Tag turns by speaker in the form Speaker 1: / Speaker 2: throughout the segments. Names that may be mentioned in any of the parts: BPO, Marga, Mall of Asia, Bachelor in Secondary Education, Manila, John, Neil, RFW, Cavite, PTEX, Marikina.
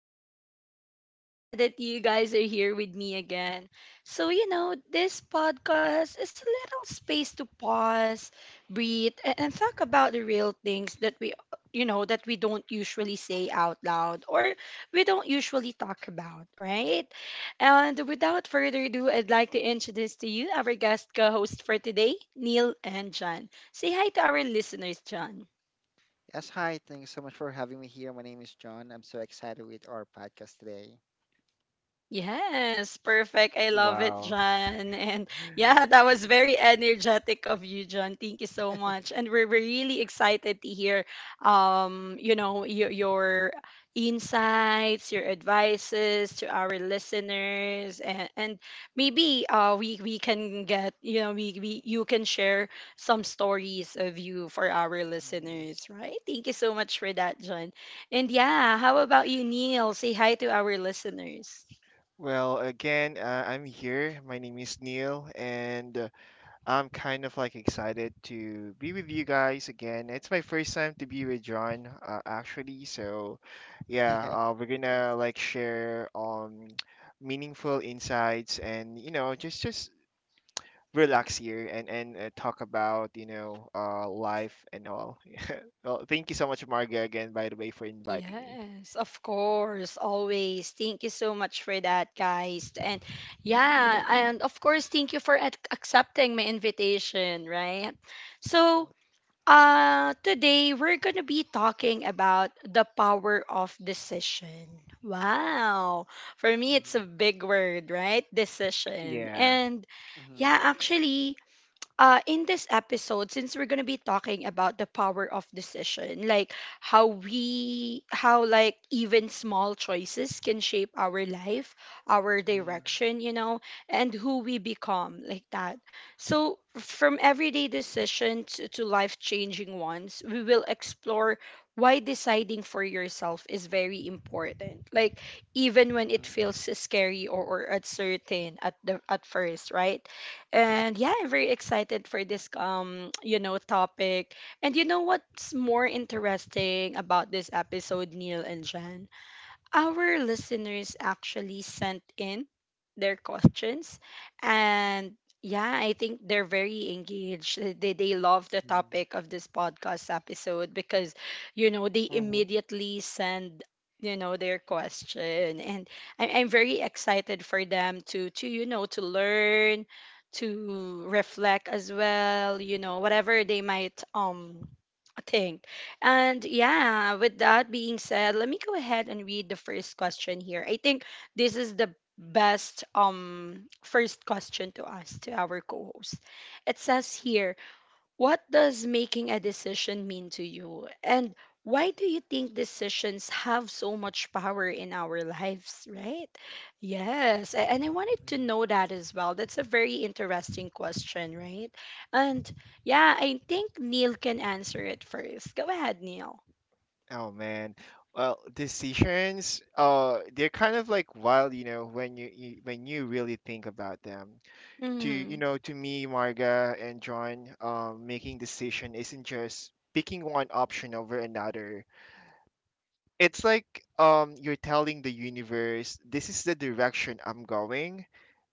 Speaker 1: episode. And I'm so glad that you guys are here with me again. So, this podcast is a little space to pause, breathe, and talk about the real things that we, that we don't usually say out loud or we don't usually talk about, right? And without further ado, I'd like to introduce to you our guest co host for today, Neil and John. Say hi to our listeners, John.
Speaker 2: Yes, hi. Thanks so much for having me here. My name is John. I'm so excited with our podcast today.
Speaker 1: Yes, perfect. I love it,
Speaker 3: Wow.
Speaker 1: John. And yeah, that was very energetic of you, John. Thank you so much. And we're really excited to hear your insights, your advices to our listeners and maybe we can get, we you can share some stories of you for our
Speaker 2: Mm.
Speaker 1: listeners, right? Thank you so much for that, John. And yeah, how about you, Neil? Say hi to our listeners.
Speaker 3: Well, again, I'm here. My name is Neil, and I'm kind of like excited to be with you guys again. It's my first time to be with John, actually. So, yeah,
Speaker 2: Yeah,
Speaker 3: we're
Speaker 2: it
Speaker 3: gonna
Speaker 2: is.
Speaker 3: like share meaningful insights and just relax here and talk about life and all. Well, thank you so much, Marga, again by the way for inviting me.
Speaker 1: Yes, of course, always. Thank you so much for that, guys. And yeah, and of course, thank you for ac accepting my invitation, right? So,
Speaker 2: Hi.
Speaker 1: today we're gonna be talking about the power of decision. Wow. For me, it's a
Speaker 2: Mhm,
Speaker 1: big word, right? Decision.
Speaker 3: Yeah.
Speaker 1: And yeah,
Speaker 2: mhm,
Speaker 1: actually, in this episode, since we're gonna be talking about the power of decision, like how we, how like even small choices can shape our life, our
Speaker 2: mhm,
Speaker 1: direction, and who we become, like that. So, from everyday decisions to life changing ones, we will explore why deciding for yourself is very important. Like even when it
Speaker 2: mhm,
Speaker 1: feels scary or uncertain at the at first, right? And yeah, I'm very excited for this topic. And you know what's more interesting about this episode, Neil and Jen? Our listeners actually sent in their questions and yeah, I think they're very engaged. They love the
Speaker 2: mhm,
Speaker 1: topic of this podcast episode because you know they immediately send you know their question and I'm very excited for them to you know to learn to reflect as well you know whatever they might think and yeah, with that being said, let me go ahead and read the first question here. I think this is the best first question to us to our co-host. It says here, what does making a decision mean to you? And why do you think decisions have so much power in our lives, right? Yes. And I wanted to
Speaker 2: mhm,
Speaker 1: know that as well. That's a very interesting question, right? And yeah, I think Neil can answer it first. Go ahead, Neil.
Speaker 3: Oh man. Well, decisions, they're kind of like wild, you know, when you when you really think about them. To you
Speaker 1: Mm-hmm.
Speaker 3: know, to me, Marga and John, making decision isn't just picking one option over another. It's like you're telling the universe, this is the direction I'm going.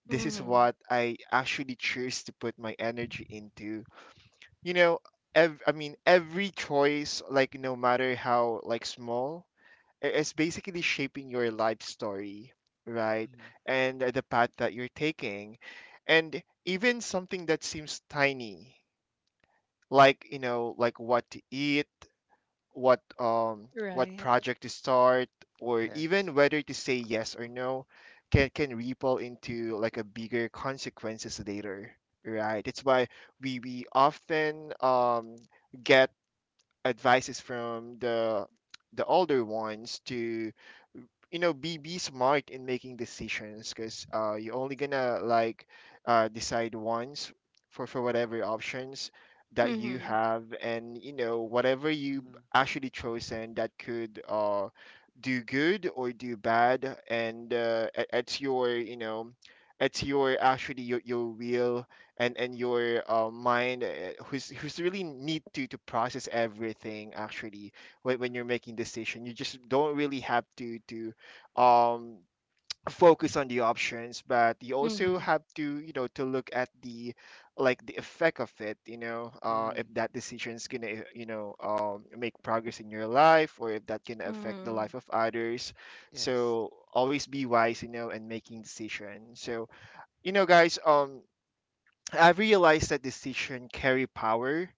Speaker 3: This is
Speaker 1: Mm-hmm.
Speaker 3: what I actually choose to put my energy into. You know, every choice, like no matter how like small is basically shaping your life story, right?
Speaker 2: mhm.
Speaker 3: And the path that you're taking. And even something that seems tiny, like, you know, like what to eat, what
Speaker 1: Right.
Speaker 3: project to start, or
Speaker 2: Yes.
Speaker 3: even whether to say yes or no, can ripple into like a bigger consequences later, right? It's why we often get advices from the older ones to you know be smart in making decisions because you're only gonna like decide once for whatever options that you
Speaker 1: Mm-hmm.
Speaker 3: have, and you know whatever you
Speaker 2: Mhm,
Speaker 3: actually chosen that could do good or do bad. And it's your you know it's your your will and your mind, who's really need to process everything actually. When you're
Speaker 2: mhm,
Speaker 3: making decision, you just don't really have to um focus on the options, but you also
Speaker 1: Mm-hmm.
Speaker 3: have to you know to look at the like the effect of it. You know, if
Speaker 2: mhm,
Speaker 3: that decision is gonna you know make progress in your life or if that can affect the
Speaker 1: Mm-hmm.
Speaker 3: life of others,
Speaker 2: yes.
Speaker 3: so always be wise you know and making decision. So you know guys, I realized that decision carry power,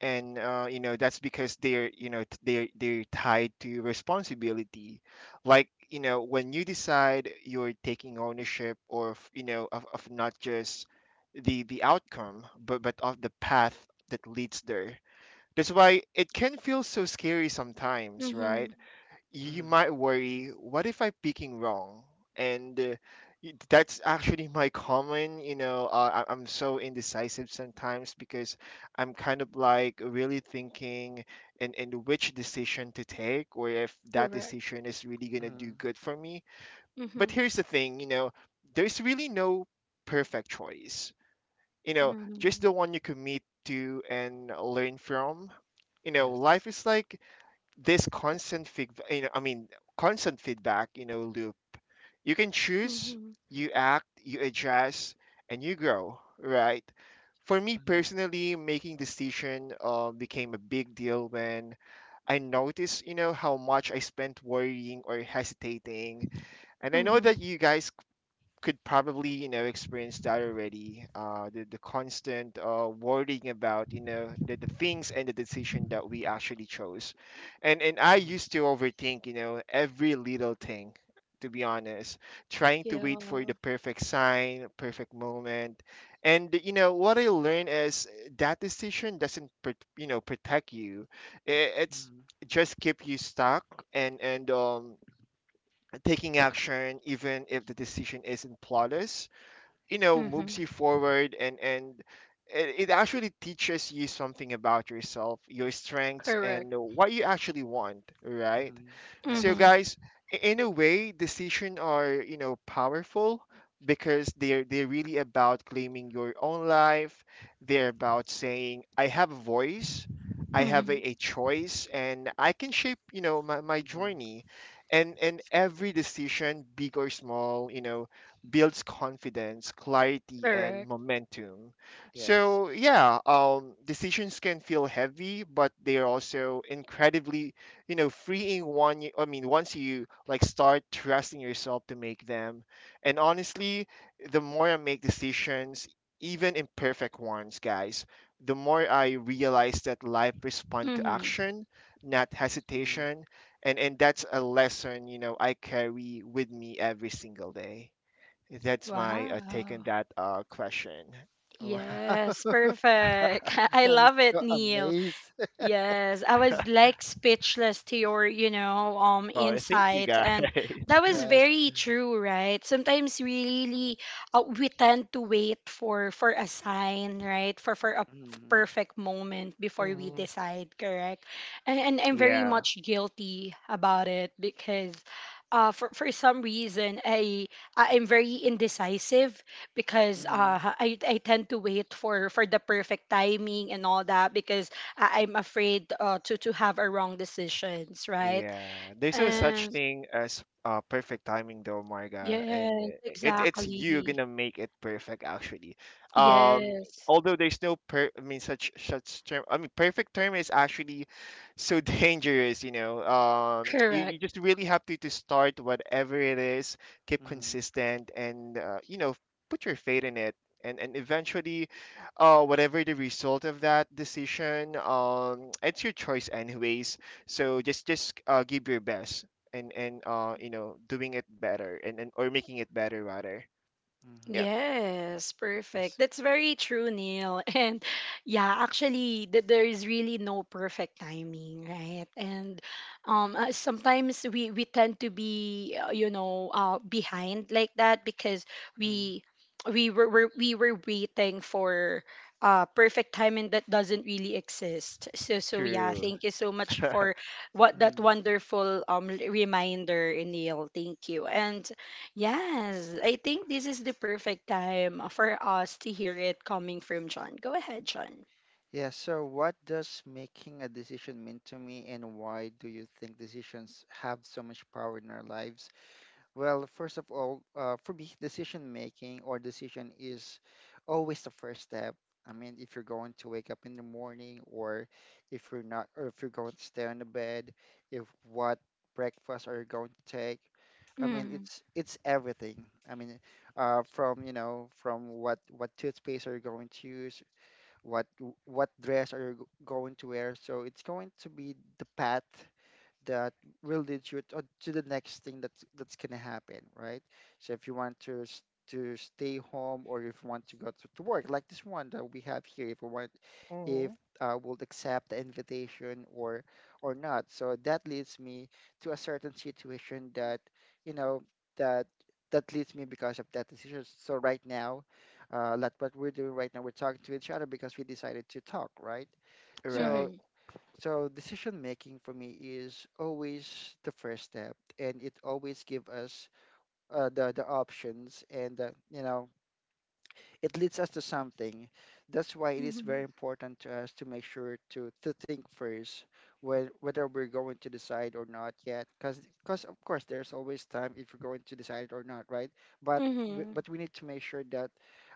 Speaker 3: and you know that's because they're you know they're tied to responsibility. Like you know when you decide, you're taking ownership or of, you know, of not just the outcome but of the path that leads there. That's why it can feel so scary sometimes,
Speaker 1: Mm-hmm.
Speaker 3: right? You
Speaker 2: Mhm,
Speaker 3: might worry, what if I'm picking wrong? And that's actually my common, you know, I- I'm so indecisive sometimes because I'm kind of like really thinking and which decision to take, or if that
Speaker 1: Correct.
Speaker 3: decision is really going to do
Speaker 2: mhm,
Speaker 3: good for me. But
Speaker 1: Mm-hmm.
Speaker 3: here's the thing, you know, there's really no perfect choice, you know, just
Speaker 1: Mm-hmm.
Speaker 3: the one you commit to and learn from. You know, life
Speaker 2: yes.
Speaker 3: is like this constant feedback, you know, I mean, constant feedback, you know, loop. You can choose,
Speaker 1: Mm-hmm.
Speaker 3: you act, you adjust, and you grow, right? For me
Speaker 2: Mhm,
Speaker 3: personally, making decision became a big deal when I noticed, you know, how much I spent worrying or hesitating. And I know that
Speaker 1: Mm-hmm.
Speaker 3: you guys could probably you know experience that already the constant worrying about you know the things and the decision that we actually chose. And I
Speaker 2: mhm,
Speaker 3: used to overthink you know every little thing, to be honest, trying to
Speaker 1: Yeah.
Speaker 3: wait for the perfect sign, perfect moment. And you know what I learned is that decision doesn't pr- you know protect you. I- it's
Speaker 2: mhm,
Speaker 3: just keep you stuck, and taking action, even if the decision isn't flawless, you know,
Speaker 1: Mm-hmm.
Speaker 3: moves you forward. And it, it actually teaches you something about yourself, your strengths,
Speaker 1: Correct.
Speaker 3: and what you actually want, right?
Speaker 2: mhm,
Speaker 3: So
Speaker 2: yes.
Speaker 1: Mm-hmm.
Speaker 3: guys, in a way, decisions are you know powerful because they're really about claiming your own life. They're about saying I have a voice, I have
Speaker 1: Mm-hmm.
Speaker 3: a choice, and I can shape you know my, my
Speaker 2: Mhm,
Speaker 3: journey. And every decision, big or small, you know, builds confidence, clarity, and
Speaker 1: Correct.
Speaker 3: momentum.
Speaker 2: yes.
Speaker 3: So, yeah, decisions can feel heavy, but they are also incredibly, you know, freeing. Once you like start trusting yourself to make them, and honestly, the more I make decisions, even imperfect ones, guys, the more I realize that life responds to
Speaker 1: Mm-hmm.
Speaker 3: action, not
Speaker 2: Mhm.
Speaker 3: hesitation. And that's a lesson you know I carry with me every single day. That's my take
Speaker 1: Wow.
Speaker 3: on that question.
Speaker 2: Wow,
Speaker 1: Yes, perfect. I
Speaker 2: I'm
Speaker 1: love it,
Speaker 2: so
Speaker 1: Neil.
Speaker 2: amazed.
Speaker 1: Yes, I was like speechless to your,
Speaker 3: Well, thank you
Speaker 1: insight, and
Speaker 3: guys.
Speaker 1: that was
Speaker 2: Yes.
Speaker 1: very true, right? Sometimes we really we tend to wait for a sign, right? For a
Speaker 2: Mhm,
Speaker 1: perfect moment before we
Speaker 3: Hmm.
Speaker 1: decide, correct? And I'm very
Speaker 3: Yeah.
Speaker 1: much guilty about it because for some reason I'm very indecisive because
Speaker 2: mhm,
Speaker 1: I tend to wait for the perfect timing and all that because I'm afraid to have a wrong decisions, right?
Speaker 3: Yeah, there's no such
Speaker 2: right.
Speaker 1: And
Speaker 3: thing as perfect timing though, Marga, and
Speaker 1: yes,
Speaker 3: it it's you
Speaker 1: exactly.
Speaker 3: gonna make it perfect actually.
Speaker 2: Okay.
Speaker 3: Um,
Speaker 1: Yes,
Speaker 3: Although there's no per, I mean such such term. I mean perfect term is actually so dangerous, you know. You, you
Speaker 1: correct.
Speaker 3: just really have to start whatever it is, keep
Speaker 2: Mm-hmm.
Speaker 3: consistent, and you know put your faith in it. And eventually, whatever the result of that decision, it's your choice anyways, so just give your best. And you know doing it better and or making it better rather.
Speaker 2: Mm-hmm.
Speaker 3: Yeah,
Speaker 1: Yes,
Speaker 2: Yes.
Speaker 1: perfect. That's very true, Neil. And yeah, actually, there is really no perfect timing, right? And sometimes we tend to be, behind like that because we we were waiting for perfect timing that doesn't really exist. So yeah,
Speaker 3: true.
Speaker 1: thank you so much for what that
Speaker 2: Mm-hmm.
Speaker 1: wonderful reminder, Neil. Thank you. And yes, I think this is the perfect time for us to hear it coming from John. Go ahead, John.
Speaker 2: Yeah, so what does making a decision mean to me, and why do you think decisions have so much power in our lives? Well, first of all, for me, decision making or decision is always the first step. I mean, if you're going to wake up in the morning, or if you're not, or if you're going to stay on the bed, if what breakfast are you going to take? I mean,
Speaker 1: Mm.
Speaker 2: it's everything. I mean, from you know, from what toothpaste are you going to use? what what dress are you going to wear. So it's going to be the path that will lead you to the next thing that's gonna happen, right? So if you want to stay home or if you want to go to work, like this one that we have here, if you want if
Speaker 3: Mhm.
Speaker 2: I would accept the invitation or not. So that leads me to a certain situation you know that that leads me because of that decision. So right now, like what we're doing right now, we're talking to each other because we decided to talk, right?
Speaker 3: Right,
Speaker 2: So
Speaker 1: Mhm.
Speaker 2: so decision making for me is always the first step, and it always give us the options and it leads us to something. That's why it is very
Speaker 1: Mhm.
Speaker 2: important to us to make sure to think first whether we're going to decide or not yet. Because of course there's always time if we're going to decide or not, right? But we,
Speaker 1: Mhm.
Speaker 2: but we need to make sure that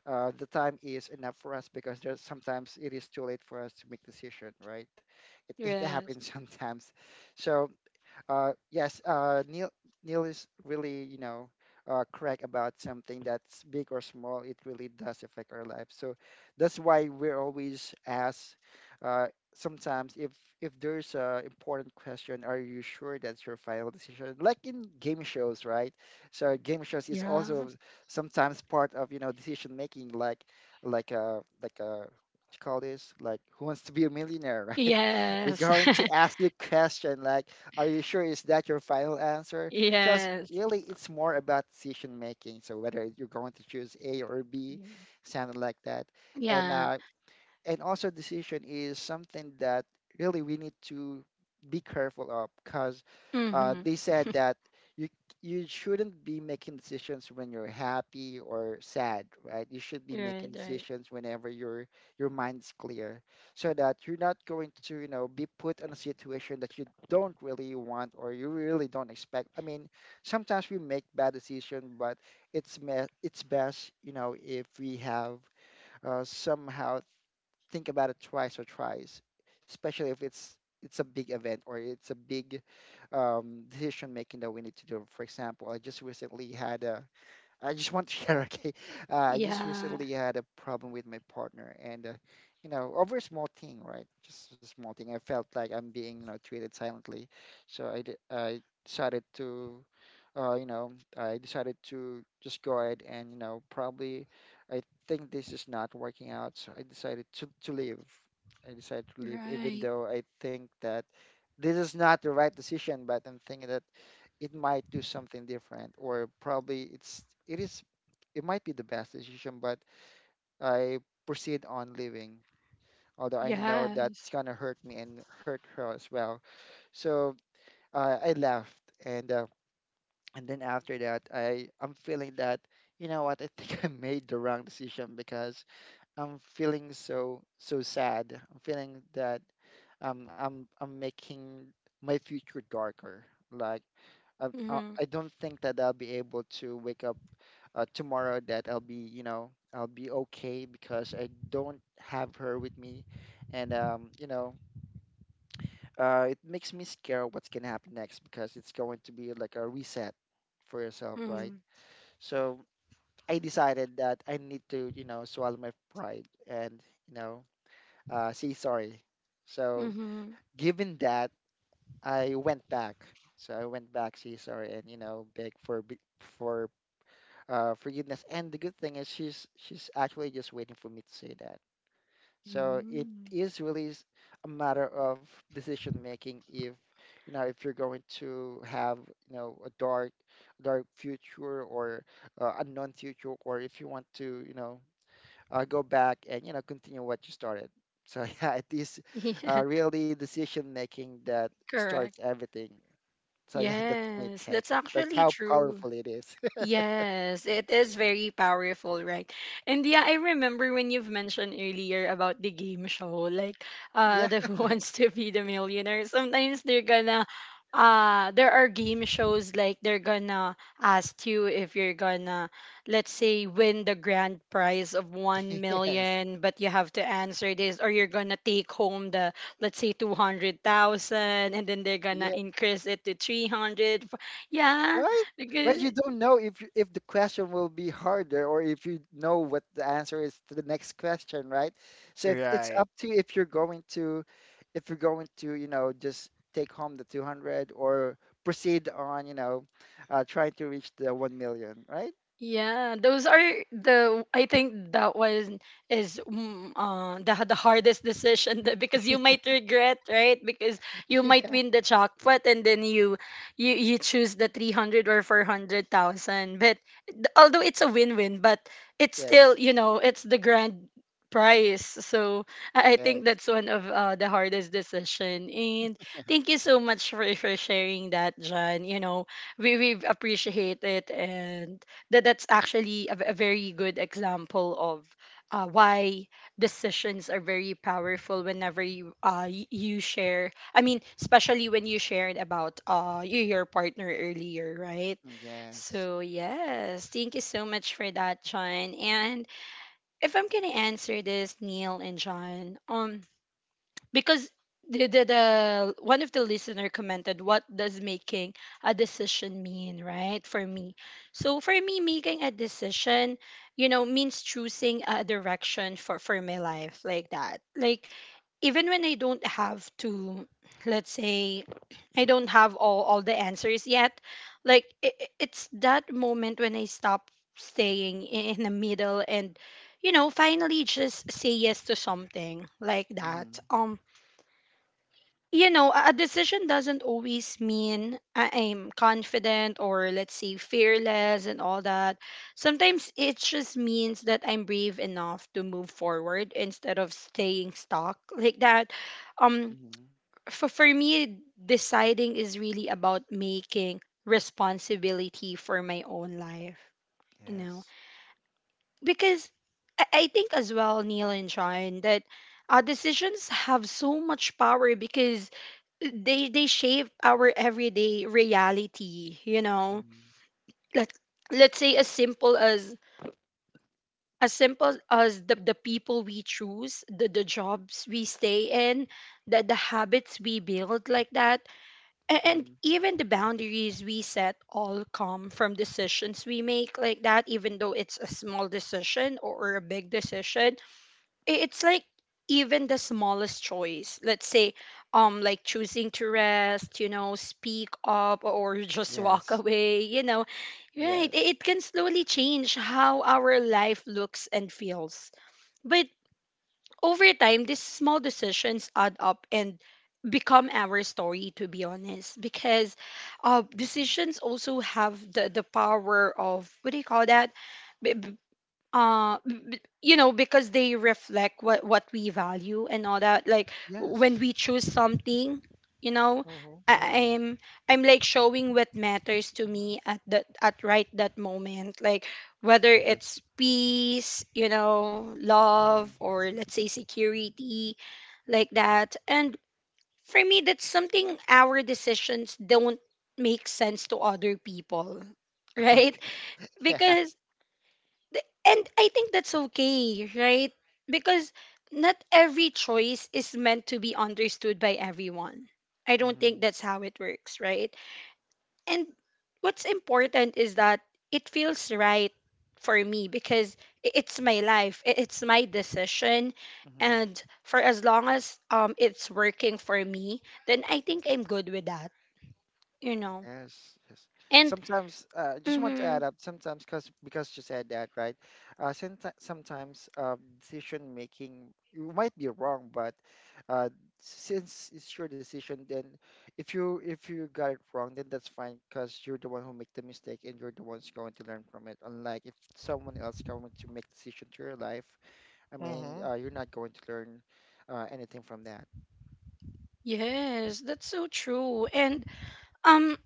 Speaker 2: the time is enough for us because there's sometimes it is too late for us to make decision, right? It
Speaker 1: Yes.
Speaker 2: happens sometimes. So yes, Neil is really, correct about something that's big or small. It really does affect our lives. So that's why we're always asked uh, sometimes if there's a important question, are you sure that's your final decision? Like in game shows, right? So game shows is
Speaker 1: Yeah.
Speaker 2: also sometimes part of, decision making, like like a what you call this? Like who wants to be a millionaire, right? They're
Speaker 1: Yes.
Speaker 2: going to ask you a question like are you sure is that your final answer? Because
Speaker 1: Yes.
Speaker 2: really, it's more about decision making. So whether you're going to choose A or B, something like that. And
Speaker 1: Yeah.
Speaker 2: uh, and also decision is something that really we need to be careful of because
Speaker 1: Mhm.
Speaker 2: they said that you you shouldn't be making decisions when you're happy or sad, right? You should be
Speaker 1: Right,
Speaker 2: making
Speaker 1: right.
Speaker 2: decisions whenever your mind's clear, so that you're not going to be put in a situation that you don't really want or you really don't expect. I mean, sometimes we make bad decisions, but it's best if we have somehow think about it twice or twice, especially if it's a big event or it's a big decision making that we need to do. For example, I just recently had a I just want to share, okay? I just
Speaker 1: Yeah.
Speaker 2: recently had a problem with my partner, and you know, over a small thing, right? Just a small thing. I felt like I'm being, treated silently, so I decided to just go ahead and, probably I think this is not working out, so I decided to leave. I decided to leave, even
Speaker 1: Right.
Speaker 2: though I think that this is not the right decision, but I'm thinking that it might do something different or probably it's it is it might be the best decision. But I proceed on living, although I know that's
Speaker 1: Yes.
Speaker 2: gonna hurt me and hurt her as well. So I left. And uh, and then after that, I'm feeling that you know what, I think I made the wrong decision because I'm feeling so sad. I'm feeling that I'm making my future darker, like I, I
Speaker 1: Mhm.
Speaker 2: I don't think that I'll be able to wake up tomorrow, that I'll be okay because I don't have her with me. And, it makes me scared what's going to happen next because it's going to be like a reset for yourself, right?
Speaker 1: Mhm.
Speaker 2: So I decided that I need to, swallow my pride and, you know, say sorry. So
Speaker 1: Mhm.
Speaker 2: given that, I went back. So I went back, say sorry, and, you know, beg for forgiveness. And the good thing is she's actually just waiting for me to say that. So it
Speaker 1: Mm.
Speaker 2: is really a matter of decision making. If if you're going to have a dark future or unknown future, or if you want to go back and continue what you started. So yeah, it is
Speaker 1: Yeah.
Speaker 2: really decision making that starts
Speaker 1: Correct.
Speaker 2: everything. So yeah, that's my
Speaker 1: Yes,
Speaker 2: take.
Speaker 1: that's
Speaker 2: That's
Speaker 1: actually
Speaker 2: how
Speaker 1: true.
Speaker 2: powerful it is.
Speaker 1: Yes, it is very powerful, right? And yeah, I remember when you've mentioned earlier about the game show, like
Speaker 2: Yeah.
Speaker 1: the Who Wants to Be the Millionaire. Sometimes they're gonna there are game shows like they're gonna ask you if you're gonna, let's say, win the grand prize of 1
Speaker 2: Yes.
Speaker 1: million, but you have to answer this, or you're gonna take home the, let's say, 200,000 and then they're gonna
Speaker 2: Yeah.
Speaker 1: increase it to 300, yeah,
Speaker 2: Right.
Speaker 1: because
Speaker 2: Right, you don't know if if the question will be harder or if you know what the answer is to the next question, right? So it's
Speaker 3: right.
Speaker 2: up to you if you're going to, just take home the 200 or proceed on, trying to reach the 1 million, right?
Speaker 1: yeah, those are the, I think that one is the hardest decision that, because you might regret, right? Because you might win the jackpot and then you choose the 300 or 400,000. But although it's a win-win, but it's still,
Speaker 2: Yes.
Speaker 1: you know, it's the grand prize. So I think
Speaker 2: Yes.
Speaker 1: that's one of the hardest decision. And thank you so much for sharing that, John. You know, we appreciate it. And that that's actually a very good example of why decisions are very powerful whenever you you share, I mean, especially when you shared about your partner earlier, right?
Speaker 2: Yes.
Speaker 1: So, yes, thank you so much for that, John. And if I'm going to answer this, Neil and John, because the one of the listener commented, what does making a decision mean, right? For me, so for me, making a decision, you know, means choosing a direction for my life, like that, like even when I don't have to, let's say, I don't have all the answers yet, like it's that moment when I stop staying in the middle and you know finally just say yes to something like that.
Speaker 2: Mm-hmm.
Speaker 1: You know, a decision doesn't always mean I'm confident or, let's say, fearless and all that. Sometimes it just means that I'm brave enough to move forward instead of staying stuck like that. Um,
Speaker 2: Mm-hmm.
Speaker 1: for me, deciding is really about making responsibility for my own life, you know,
Speaker 2: Yes.
Speaker 1: because I think as well, Neil and Sean, that our decisions have so much power because they shape our everyday reality, you know.
Speaker 2: Mm-hmm.
Speaker 1: Let let's say as simple as simple as the people we choose, the jobs we stay in, the habits we build, like that, and
Speaker 2: Mm-hmm.
Speaker 1: even the boundaries we set all come from decisions we make, like that, even though it's a small decision or a big decision. It's like even the smallest choice, let's say, like choosing to rest, you know, speak up, or just walk
Speaker 2: Yes.
Speaker 1: away, you know, right,
Speaker 2: Yes.
Speaker 1: it can slowly change how our life looks and feels. But over time these small decisions add up and become our story, to be honest, because
Speaker 2: Mm-hmm.
Speaker 1: decisions also have the power of what do you call that, you know, because they reflect what we value and all that, like when
Speaker 2: Yes.
Speaker 1: we choose something, you know,
Speaker 3: Mhm.
Speaker 1: I,
Speaker 2: Mm-hmm.
Speaker 1: i'm I'm like showing what matters to me at that, at right that moment, like whether it's
Speaker 2: Yes.
Speaker 1: peace, you know,
Speaker 2: Mm-hmm.
Speaker 1: love, or, let's say, security like that. And for me that's something. Our decisions don't make sense to other people right?
Speaker 2: Yeah.
Speaker 1: Because and I think that's okay, right? Because not every choice is meant to be understood by everyone. I don't
Speaker 2: Mm-hmm.
Speaker 1: think that's how it works, right? And what's important is that it feels right for me because it's my life, it's my decision.
Speaker 2: Mm-hmm.
Speaker 1: And for as long as it's working for me, then I think I'm good with that, you know.
Speaker 2: Yes, yes.
Speaker 1: And
Speaker 2: Sometimes, just want to add
Speaker 1: mm-hmm,
Speaker 2: up. Sometimes, cause because you said that, right? Sometimes, decision making you might be wrong, but uh, since it's your decision, then if you got it wrong, then that's fine, cause you're the one who make the mistake, and you're the one's going to learn from it. Unlike if someone else coming to make decision to your life, I mean,
Speaker 3: Mhm.
Speaker 2: you're not going to learn anything from that.
Speaker 1: yes, that's so true. And um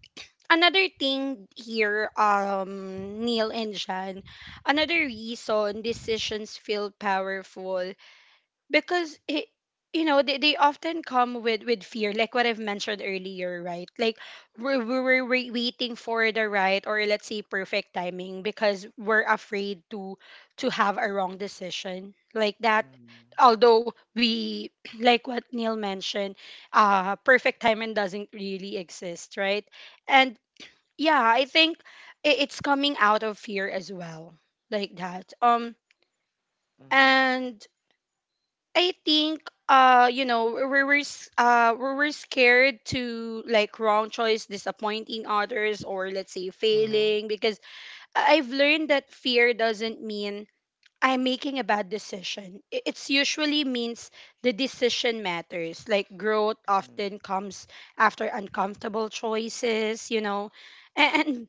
Speaker 1: another thing here, Neil and Jan, another reason decisions feel powerful because it, you know, they often come with fear, like what I've mentioned earlier, right? Like we're waiting for the right or, let's say, perfect timing because we're afraid to have a wrong decision like that.
Speaker 2: Mm-hmm.
Speaker 1: Although we, like what Neil mentioned, perfect timing doesn't really exist, right? And yeah, I think it's coming out of fear as well, like that.
Speaker 2: Mm-hmm.
Speaker 1: And I think you know, we we're scared to like wrong choice, disappointing others, or, let's say,
Speaker 3: Mhm.
Speaker 1: failing, because I've learned that fear doesn't mean I'm making a bad decision. I- It's usually means the decision matters. Like growth often comes after uncomfortable choices, you know. And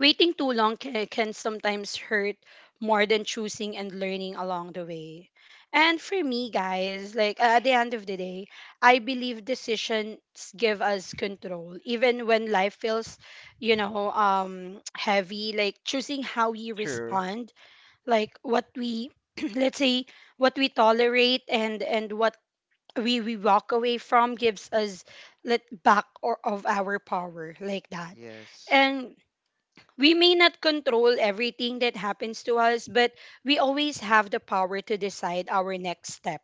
Speaker 1: waiting too long can sometimes hurt more than choosing and learning along the way. And for me, guys, like at the end of the day, I believe decisions give us control, even when life feels, you know, heavy. Like choosing how we
Speaker 3: True.
Speaker 1: respond, like what we, let's say, what we tolerate and what we walk away from gives us let back or of our power like that.
Speaker 2: Yes.
Speaker 1: And we may not control everything that happens to us, but we always have the power to decide our next step,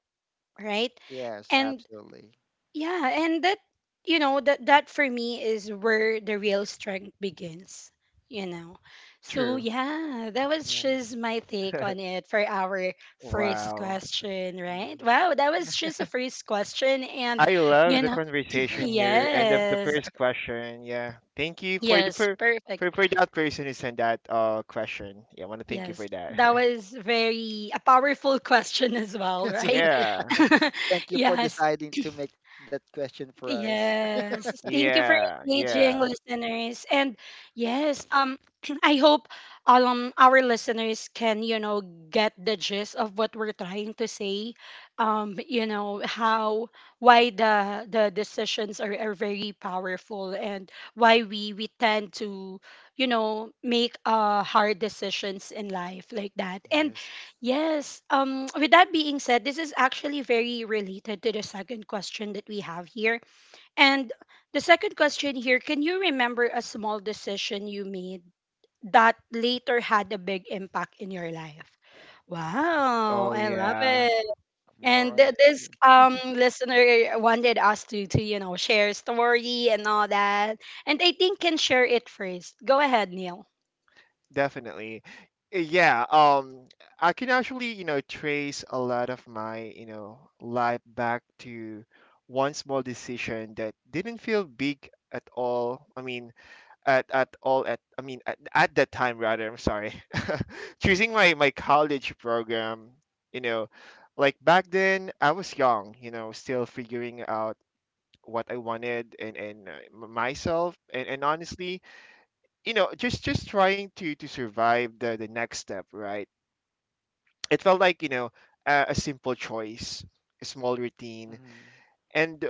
Speaker 1: right?
Speaker 2: Yes,
Speaker 1: And
Speaker 2: absolutely.
Speaker 1: yeah, and that you know that that for me is where the real strength begins, you know. So
Speaker 3: True.
Speaker 2: Mhm.
Speaker 1: yeah, that was
Speaker 2: Yes.
Speaker 1: just my take on it for our first
Speaker 3: Wow,
Speaker 1: question, right?
Speaker 2: Hmm.
Speaker 1: Wow, that was just a first question and
Speaker 3: I love
Speaker 1: you
Speaker 3: the
Speaker 1: know,
Speaker 3: conversation here end of the
Speaker 1: yes.
Speaker 3: first question. Yeah, thank you for the
Speaker 1: Yes, perfect.
Speaker 3: for that person who sent that question. Yeah, I want to thank you
Speaker 1: Yes,
Speaker 3: for that.
Speaker 1: that was very a powerful question as well,
Speaker 2: Yes.
Speaker 1: right?
Speaker 3: Yeah,
Speaker 2: Thank you for
Speaker 1: yes,
Speaker 2: deciding to make that question for us.
Speaker 1: Yes. Thank you for
Speaker 3: yeah,
Speaker 1: engaging
Speaker 3: yeah.
Speaker 1: listeners. And yes, I hope our listeners can, get the gist of what we're trying to say. How why the decisions are very powerful and why we tend to, make hard decisions in life like that. And
Speaker 2: Yes.
Speaker 1: yes, with that being said, this is actually very related to the second question that we have here and the second question here, can you remember a small decision you made that later had a big impact in your life? Wow,
Speaker 3: Oh
Speaker 1: I love
Speaker 3: yeah.
Speaker 1: it.
Speaker 2: More
Speaker 1: And th-
Speaker 2: on
Speaker 1: this
Speaker 2: history.
Speaker 1: um listener wanted us to you know share a story and all that. And I think can share it first. Go ahead, Neil.
Speaker 3: Definitely. Yeah, I can actually, you know, trace a lot of my, you know, life back to one small decision that didn't feel big at all. I mean, at all at I mean at that time rather, I'm sorry. Choosing my my college program, you know, like back then I was young, you know, still figuring out what I wanted and myself. And honestly you know just trying to survive the next step, right? It felt like you know a simple choice, a small routine,
Speaker 2: Hmm.
Speaker 3: and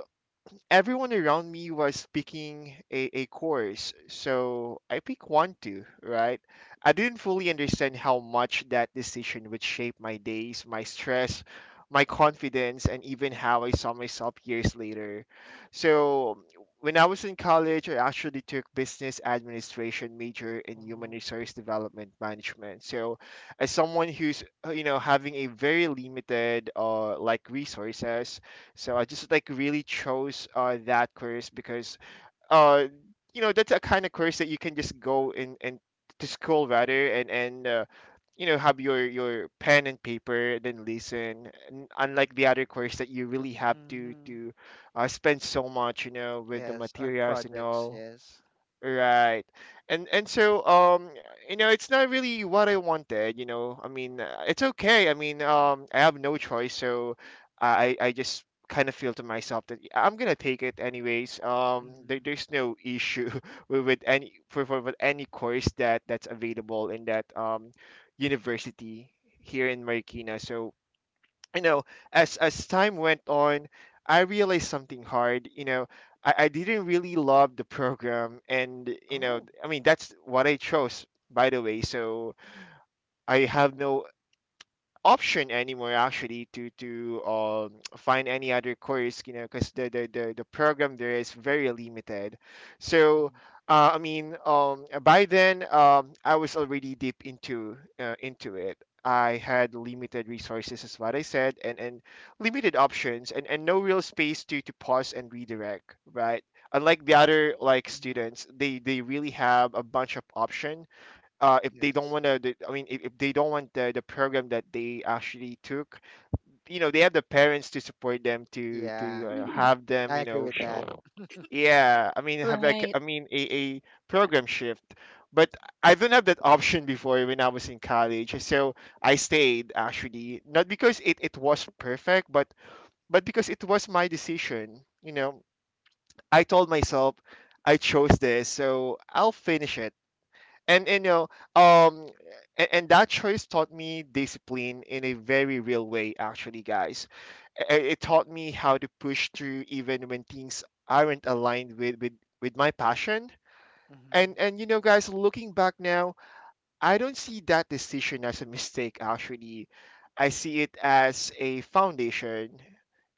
Speaker 3: everyone around me was picking a course, so I picked one too, right? I didn't fully understand how much that decision would shape my days, my stress, my confidence, and even how I saw myself years later. So when I was in college, I actually took business administration major in human
Speaker 2: Oh.
Speaker 3: resource development management. So as someone who's you know having a very limited like resources, so I just like really chose that course because uh, you know that's a kind of course that you can just go in and to school rather, and you know have your pen and paper then listen, and unlike the other course that you really have
Speaker 2: Hmm.
Speaker 3: to spend so much you know with the
Speaker 2: Yes, on
Speaker 3: materials and
Speaker 2: projects.
Speaker 3: all.
Speaker 2: Yes.
Speaker 3: Right. And so you know it's not really what I wanted, you know. I mean, it's okay. I mean, I have no choice, so I just kind of feel to myself that "Yeah, I'm going to take it anyways.
Speaker 2: Hmm.
Speaker 3: There, there's no issue with any for with any course that that's available in that university here in Marikina." So you know, as time went on, I realized something hard. You know, I didn't really love the program, and you know,
Speaker 2: Oh.
Speaker 3: I mean, that's what I chose, by the way. So I have no option anymore actually to find any other course, you know, because the program there is very limited. So I mean by then I was already deep into it. I had limited resources as what I said, and limited options, and no real space to pause and redirect, right? Unlike the other like
Speaker 2: Mm-hmm.
Speaker 3: students, they really have a bunch of options, if they don't
Speaker 2: Yes.
Speaker 3: want to, I mean, if they don't want the program that they actually took, you know, they have the parents to support them to
Speaker 2: Yeah,
Speaker 1: Mhm.
Speaker 3: have them,
Speaker 2: I
Speaker 3: you
Speaker 2: agree
Speaker 3: know,
Speaker 2: with
Speaker 3: sh-
Speaker 2: that. Hmm.
Speaker 3: yeah, I mean, have like, I
Speaker 1: Right.
Speaker 3: mean, a program shift. But I didn't have that option before when I was in college, so I stayed actually, not because it was perfect, but because it was my decision. You know, I told myself I chose this, so I'll finish it. And you know um and that choice taught me discipline in a very real way, actually, guys. It taught me how to push through even when things aren't aligned with my passion. And you know guys, looking back now, I don't see that decision as a mistake, actually. I see it as a foundation.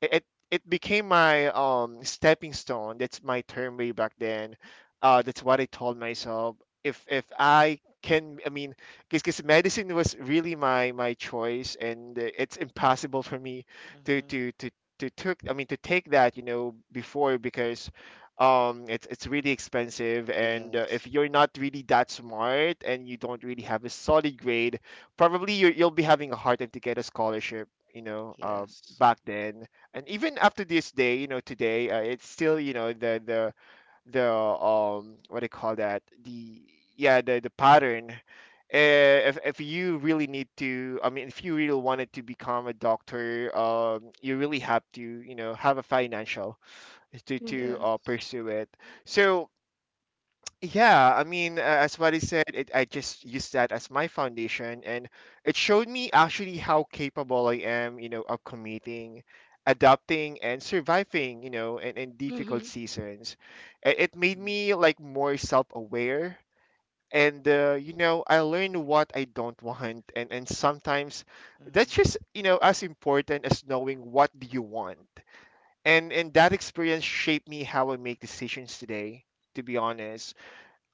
Speaker 3: It, it, it became my stepping stone. That's my term way back then. That's what I told myself. If I can, I mean, Because medicine was really my choice, and it's impossible for me to,
Speaker 2: Hmm.
Speaker 3: to, to, to took, I mean, to take that, you know, before. Because it's really expensive, and if
Speaker 2: Yes.
Speaker 3: you're not really that smart and you don't really have a solid grade, probably you'll be having a hard time to get a scholarship, you know,
Speaker 2: Yes.
Speaker 3: back then. And even after this day, you know, today, it's still, you know, the what do you call that the yeah the pattern. If you really need to, I mean, if you really wanted to become a doctor, you really have to, you know, have a financial, to
Speaker 1: Mm-hmm.
Speaker 2: Yes.
Speaker 3: pursue it. So yeah, I mean, as what I said, I just used that as my foundation, and it showed me actually how capable I am, you know, of committing, adapting, and surviving, you know, in difficult
Speaker 1: Mm-hmm.
Speaker 3: seasons. It made
Speaker 2: Mm-hmm.
Speaker 3: me like more self-aware. And you know, I learned what I don't want, and sometimes
Speaker 2: Mm-hmm.
Speaker 3: that's just, you know, as important as knowing what do you want. And that experience shaped me how I make decisions today. To be honest,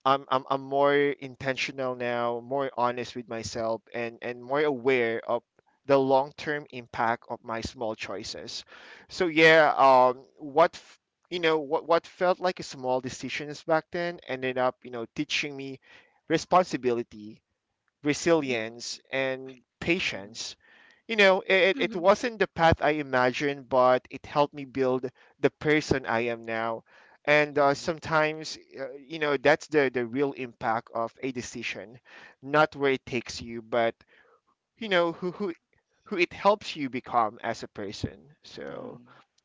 Speaker 3: I'm more intentional now, more honest with myself, and more aware of the long term impact of my small choices. So yeah, you know what felt like a small decisions back then ended up, you know, teaching me responsibility, resilience, and
Speaker 2: Mm-hmm.
Speaker 3: patience. You know, it
Speaker 1: Mm-hmm.
Speaker 3: wasn't the path I imagined, but it helped me build the person I am now. And
Speaker 2: Mm-hmm.
Speaker 3: sometimes, you know, that's the real impact of a decision, not where it takes you, but, you know, who it helps you become as a person. So
Speaker 2: Mm-hmm.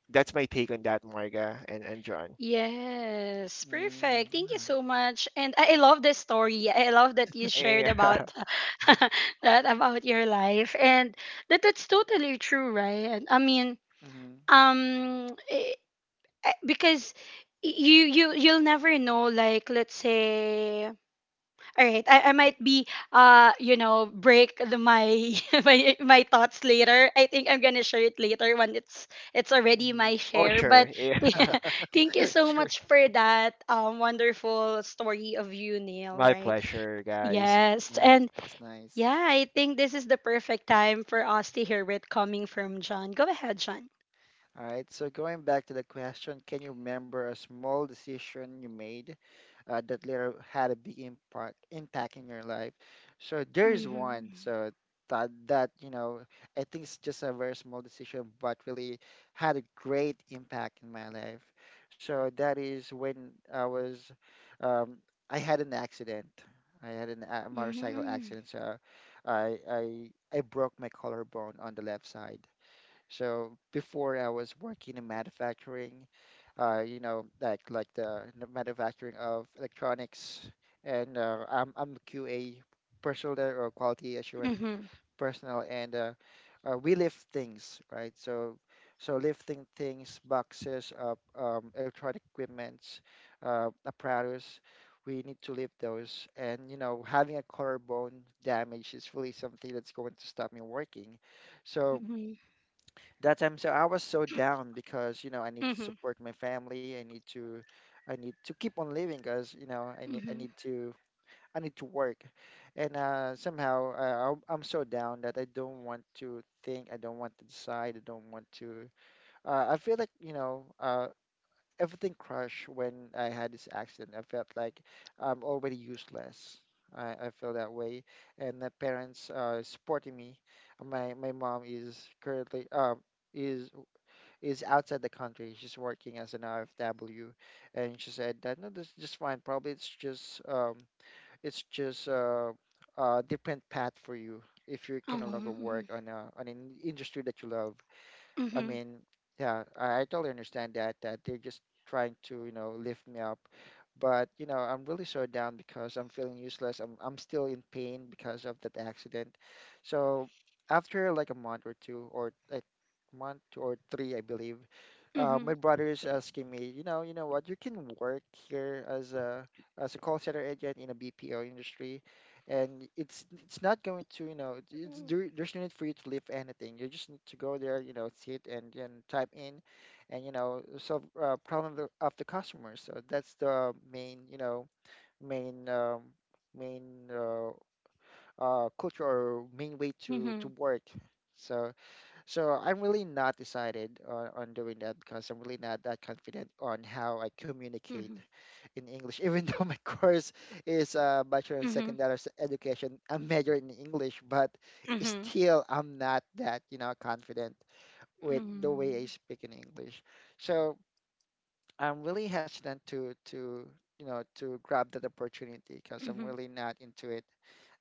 Speaker 3: that's my take on that, Marga and John.
Speaker 1: Yes,
Speaker 2: Mm,
Speaker 1: perfect. Thank you
Speaker 2: yeah.
Speaker 1: so much. And I love this story. I love that you shared
Speaker 3: Yeah.
Speaker 1: about that about your life and that that's totally true, right? I mean,
Speaker 2: Mm-hmm.
Speaker 1: um eh, because you'll never know, like, let's say, all right, I might be you know break my my thoughts later. I think I'm gonna share it later when it's already
Speaker 2: Mm-hmm.
Speaker 1: my
Speaker 3: Oh,
Speaker 1: share. But
Speaker 3: sure.
Speaker 1: yeah,
Speaker 3: Yeah.
Speaker 1: thank you so
Speaker 2: Sure.
Speaker 1: much for that wonderful story of you, Neil.
Speaker 3: My
Speaker 1: Right?
Speaker 3: pleasure, guys.
Speaker 1: Yes,
Speaker 2: Nice.
Speaker 1: and
Speaker 2: Nice.
Speaker 1: yeah, I think this is the perfect time for us to hear it coming from John. Go ahead, John.
Speaker 2: All right. So going back to the question, can you remember a small decision you made that later had a big impact in your life? So there's one.
Speaker 1: Mhm.
Speaker 2: So that that you know, I think it's just a very small decision, but really had a great impact in my life. So that is when I was, um, I had an accident. I had a motorcycle
Speaker 1: Mhm.
Speaker 2: accident. So I broke my collarbone on the left side. So before I was working in manufacturing, you know, like the manufacturing of electronics, and I'm QA personnel there, or quality assurance
Speaker 1: Mhm.
Speaker 2: personnel, and we lift things, right? So lifting things, boxes of electronic equipments, apparatus. We need to lift those, and you know, having a collarbone damage is really something that's going to stop me working. So
Speaker 1: Mhm.
Speaker 2: that time, I was so down because I need to
Speaker 1: Mhm.
Speaker 2: support my family. I need to keep on living because, i need i
Speaker 1: Mhm.
Speaker 2: need to i need to work. And somehow, I'm so down that I don't want to think, I don't want to decide, I don't want to, I feel like everything crushed. When I had this accident, I felt like I'm already useless. I feel that way, and my parents are supporting me. My mom is currently is is outside the country. She's working as an RFW, and she said that no, this is just fine. Probably it's just it's just uh, a different path for you if you can no longer work
Speaker 1: Mhm.
Speaker 2: on a on an industry that you love. I
Speaker 1: Mhm.
Speaker 2: mean, yeah, I totally understand that they're just trying to, you know, lift me up. But, I'm really so down because I'm feeling useless. I'm still in pain because of that accident. So after like a month or two or a month or three, I believe, my
Speaker 1: Mhm.
Speaker 2: brother is asking me, you know what, you can work here as a call center agent in a BPO industry, and it's not going to, you know, there's no need for you to leave anything. You just need to go there, you know, sit and type in and, you know, solve problem of the customer. So that's the main, you know, main main culture or main way to
Speaker 1: Mhm.
Speaker 2: work. So so I'm really not decided on doing that because I'm really not that confident on how I communicate
Speaker 1: Mhm.
Speaker 2: in English, even though my course is a Bachelor in
Speaker 1: Mhm.
Speaker 2: Secondary Education, a major in English, but
Speaker 1: Mhm.
Speaker 2: still I'm not that, you know, confident with the way I
Speaker 1: Mhm.
Speaker 2: speak in English. So I'm really hesitant to you know, to grab that opportunity because I'm
Speaker 1: Mhm.
Speaker 2: really not into it.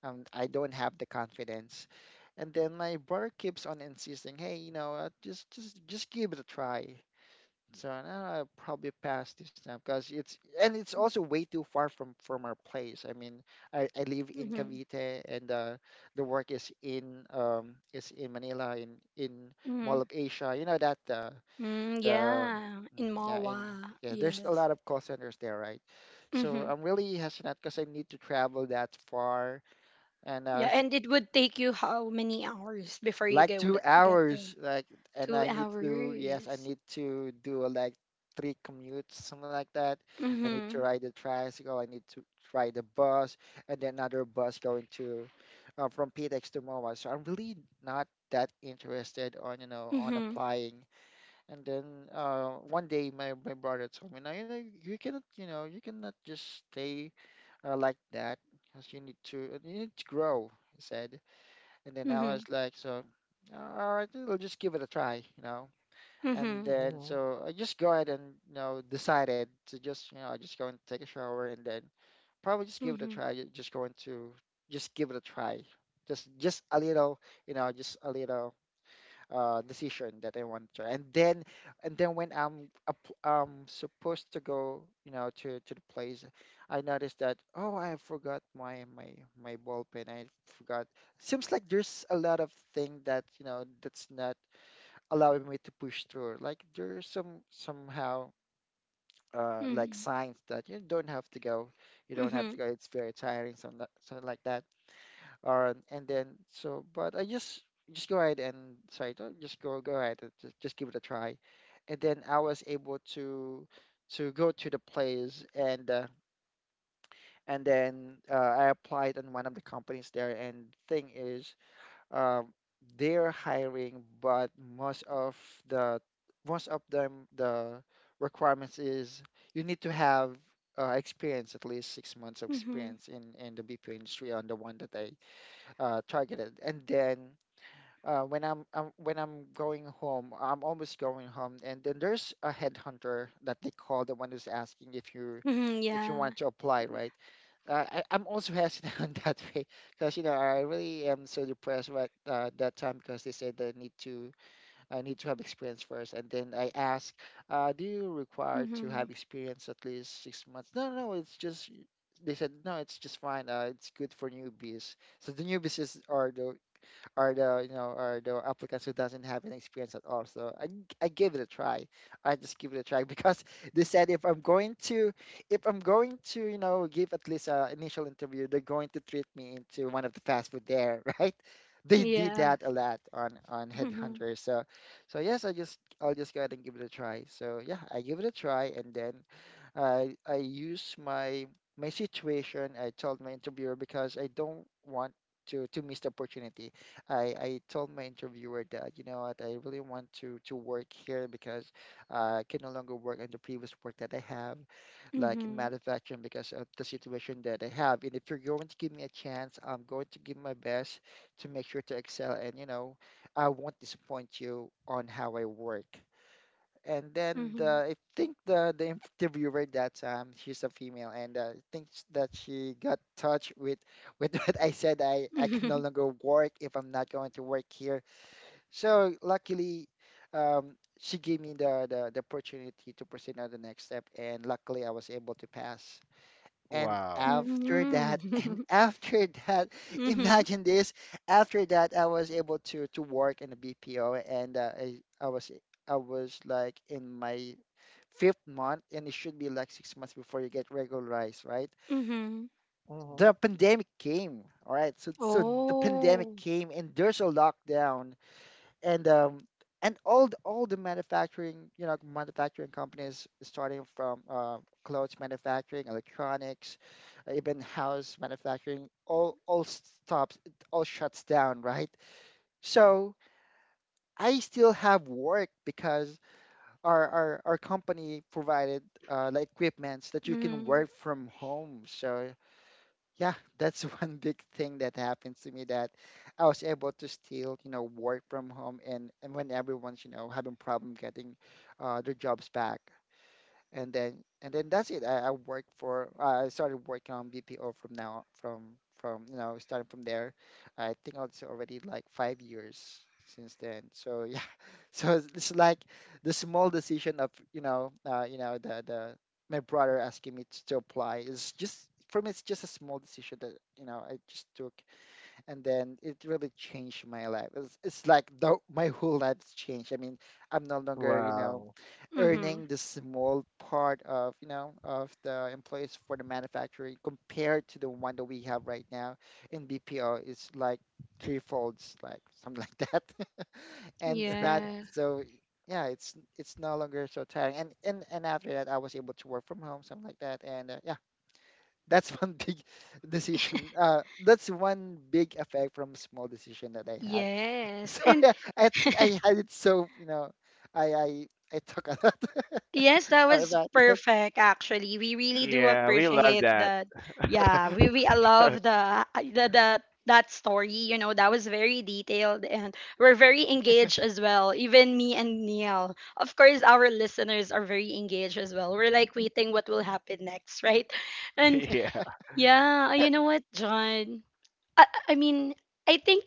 Speaker 2: I don't have the confidence. And then my brother keeps on insisting, hey, you know, just give it a try. So now I probably pass this time because it's, and it's also way too far from our place. I mean, I live in
Speaker 1: Mhm.
Speaker 2: Cavite, and the work is in Manila, in Mall
Speaker 1: Mhm.
Speaker 2: of Asia. You know that
Speaker 1: Mm,
Speaker 2: the
Speaker 1: yeah, in
Speaker 2: mm, yeah in
Speaker 1: Mawa.
Speaker 2: yeah, there's a
Speaker 1: Yes.
Speaker 2: lot of call centers there, right? So
Speaker 1: Mhm.
Speaker 2: I'm really hesitant because I need to travel that far and
Speaker 1: Yeah, and it would take you how many hours before you
Speaker 2: like two
Speaker 1: get
Speaker 2: hours
Speaker 1: there?
Speaker 2: like, and
Speaker 1: Two
Speaker 2: I need to, yes, I
Speaker 1: hours.
Speaker 2: need to do, like three commutes, something like that. I need to
Speaker 1: Mhm.
Speaker 2: ride the tricycle, I need to ride the bus, and then another bus going to, from ptex to mobile. So I'm really not that interested on, you know, on
Speaker 1: Mhm.
Speaker 2: applying. And then, one day my, my brother told me, now you know you cannot, you know, you cannot just stay like that, because you need to, you need to grow, he said. And then I
Speaker 1: Mhm.
Speaker 2: was like, so, all right, we'll just give it a try, you know. And
Speaker 1: Mhm.
Speaker 2: then
Speaker 3: Mhm.
Speaker 2: so I just go ahead, and you know, decided to just, you know, I just go and take a shower, and then probably just give it a
Speaker 1: Mhm.
Speaker 2: try. Just going to just give it a try, just a little, you know, just a little decision that I want to try. And then when I'm supposed to go, you know, to the place, I noticed that, oh, I forgot my my ball pen. I forgot. Seems like there's a lot of thing that, you know, that's not allowing me to push through. Like there's somehow, like
Speaker 1: Mhm.
Speaker 2: signs that you don't have to go, you don't have to
Speaker 1: Mhm.
Speaker 2: go. It's very tiring, something like that. Or and then so but I just go ahead and, sorry, just go ahead and just give it a try. And then I was able to go to the place, and then, I applied on one of the companies there, and thing is, um, they're hiring, but most of the them the requirements is you need to have experience, at least 6 months of
Speaker 1: Mhm.
Speaker 2: experience in the BPO industry on the one that I targeted. And then when I'm, when I'm going home, I'm almost going home, and then there's a headhunter that they call, the one who's asking if you,
Speaker 1: Mhm.
Speaker 2: if you
Speaker 1: Yeah.
Speaker 2: want to apply, right? I'm also hesitant on that way, because, you know, I really am so depressed, right, that time, because they said they need to, I need to have experience first. And then I ask, do you require to
Speaker 1: Mhm.
Speaker 2: have experience at least 6 months? No, no, it's just, they said, no, it's just fine. It's good for newbies. So the newbies is, are the, or the, you know, or the applicants who doesn't have any experience at all. So I gave it a try. I just give it a try, because they said if I'm going to, if I'm going to you know, give at least a initial interview, they're going to treat me into one of the fast food there, right? They did
Speaker 1: Yeah.
Speaker 2: that a lot on
Speaker 1: Mhm.
Speaker 2: Headhunter. So yes, I just, I'll just go ahead and give it a try. So yeah, I give it a try, and then I use my my situation. I told my interviewer because I don't want to miss the opportunity. I told my interviewer that, you know what, I really want to work here because, I can no longer work in the previous work that I have, like in
Speaker 1: Mhm.
Speaker 2: manufacturing, because of the situation that I have. And if you're going to give me a chance, I'm going to give my best to make sure to excel, and you know, I won't disappoint you on how I work. And then
Speaker 1: Mhm.
Speaker 2: I think the interviewer that, she's a female, and thinks that she got touched with what I said. I can no
Speaker 1: Mhm.
Speaker 2: longer work if I'm not going to work here. So luckily, she gave me the opportunity to proceed on the next step, and luckily I was able to pass. And
Speaker 3: Wow.
Speaker 2: after that,
Speaker 1: Mhm. Mhm.
Speaker 2: imagine this. After that, I was able to work in a BPO, and I was like in my fifth month, and it should be like 6 months before you get regularized, right?
Speaker 1: Mhm.
Speaker 2: The
Speaker 3: Mhm.
Speaker 2: pandemic came, all right. So the pandemic
Speaker 1: Oh.
Speaker 2: came, and there's a lockdown, and all the manufacturing, you know, manufacturing companies, starting from clothes manufacturing, electronics, even house manufacturing, all stops, it all shuts down, right? So I still have work because our company provided like equipments that you can
Speaker 1: Mm.
Speaker 2: work from home. So yeah, that's one big thing that happened to me, that I was able to still, you know, work from home, and when everyone's, you know, having problem getting their jobs back. And then that's it. I work for, I started working on BPO from now, from you know, starting from there. I think it's already like 5 years since then. So yeah, so it's like the small decision of, you know, you know, the my brother asking me to apply is just, for me it's just a small decision that, you know, I just took, and then it really changed my life. It's like the, my whole life's changed. I mean, I'm no longer, you know,
Speaker 3: Wow.
Speaker 1: Mhm.
Speaker 2: earning the small part of, you know, of the employees for the manufacturing, compared to the one that we have right now in BPO is like three folds, like something like that. And it's not,
Speaker 1: Yes.
Speaker 2: so yeah, it's no longer so tiring, and and after that I was able to work from home, something like that, and yeah, that's one big decision that's one big effect from small decision that I have.
Speaker 1: Yes.
Speaker 2: So
Speaker 1: And
Speaker 2: yeah, I think I had it, so you know, I I I talk a lot. Talk
Speaker 1: yes, that was
Speaker 2: about that.
Speaker 1: perfect actually. We really do
Speaker 3: Yeah, we love
Speaker 1: appreciate
Speaker 3: that.
Speaker 1: that. Yeah, we I love the that story, you know, that was very detailed and we're very engaged as well. Even me and Neil. Of course, our listeners are very engaged as well. We're like waiting what will happen next, right? And
Speaker 3: Yeah,
Speaker 1: yeah, you know what, John? I mean, I think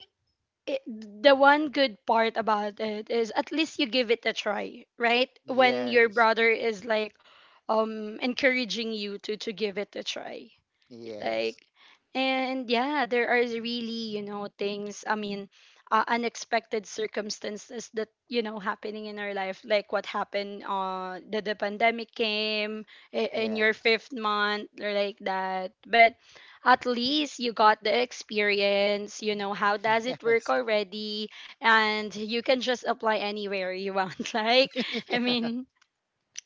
Speaker 1: it, the one good part about it is at least you give it a try, right? When your
Speaker 2: Yes,
Speaker 1: brother is like encouraging you to give it a try
Speaker 2: yes,
Speaker 1: like, and yeah, there are really, you know, things, I mean, unexpected circumstances that, you know, happening in our life like what happened, that the pandemic came in your
Speaker 2: yes,
Speaker 1: fifth month or like that, but at least you got the experience, you know how does it work
Speaker 2: yes,
Speaker 1: already, and you can just apply anywhere you want, like, I
Speaker 2: yeah,
Speaker 1: mean,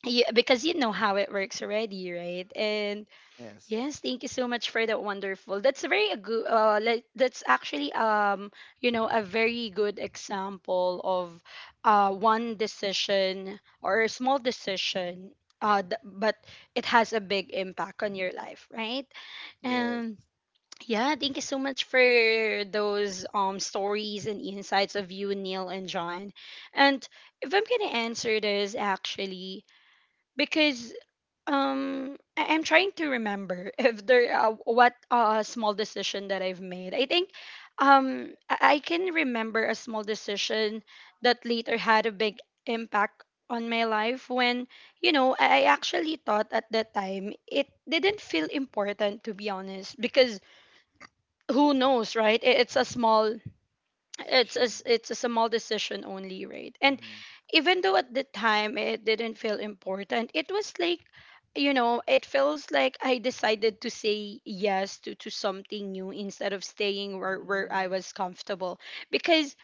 Speaker 1: you, because you know how it works already, right? And
Speaker 2: yes,
Speaker 1: yes, thank you so much for that wonderful. That's a very good like that's actually you know a very good example of one decision or a small decision, but it has a big impact on your life, right?
Speaker 2: yes.
Speaker 1: And yeah, thank you so much for those stories and insights of you, Neil and John. And if I'm going to answer this actually, because I'm trying to remember if there what small decision that I've made. I think um, I can remember a small decision that later had a big impact on my life, when you know I actually thought at that time it didn't feel important, to be honest, because who knows, right? It's a small, it's a,
Speaker 2: Decision.
Speaker 1: it's a small decision only, right? And
Speaker 2: Mm-hmm.
Speaker 1: even though at the time it didn't feel important, it was like, you know, it feels like I decided to say yes to something new instead of staying where
Speaker 2: Mm-hmm.
Speaker 1: I was comfortable, because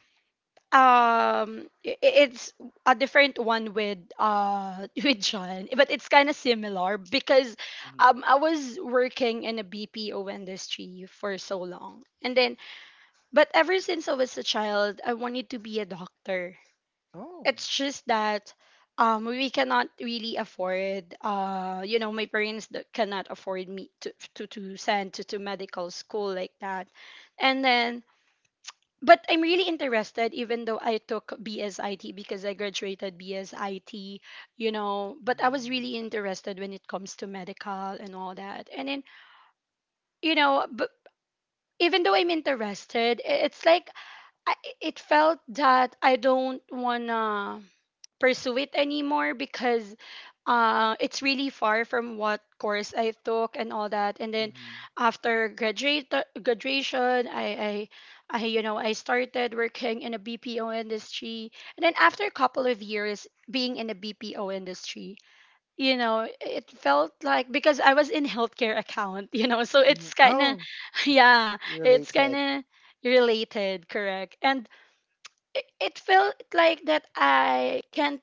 Speaker 1: it's a different one with with John, but it's kind of similar because
Speaker 2: Mm-hmm.
Speaker 1: I was working in a BPO industry for so long and then, but ever since I was a child, I wanted to be a doctor.
Speaker 2: Oh.
Speaker 1: It's just that we cannot really afford, you know, my parents that cannot afford me to, to send to medical school like that. And then, but I'm really interested, even though I took BSIT because I graduated BSIT, you know, but I was
Speaker 2: Mm-hmm.
Speaker 1: really interested when it comes to medical and all that. And then, you know, but even though I'm interested, it's like I, it felt that I don't wanna pursue it anymore because it's really far from what course I took and all that. And then after graduate graduation, I you know I started working in a BPO industry, and then after a couple of years being in a BPO industry, you know it felt like because I was in healthcare account, you know, so
Speaker 2: Hmm.
Speaker 1: it's kind of
Speaker 2: Oh,
Speaker 1: yeah, it's kind
Speaker 2: related.
Speaker 1: of related, correct. And it felt like that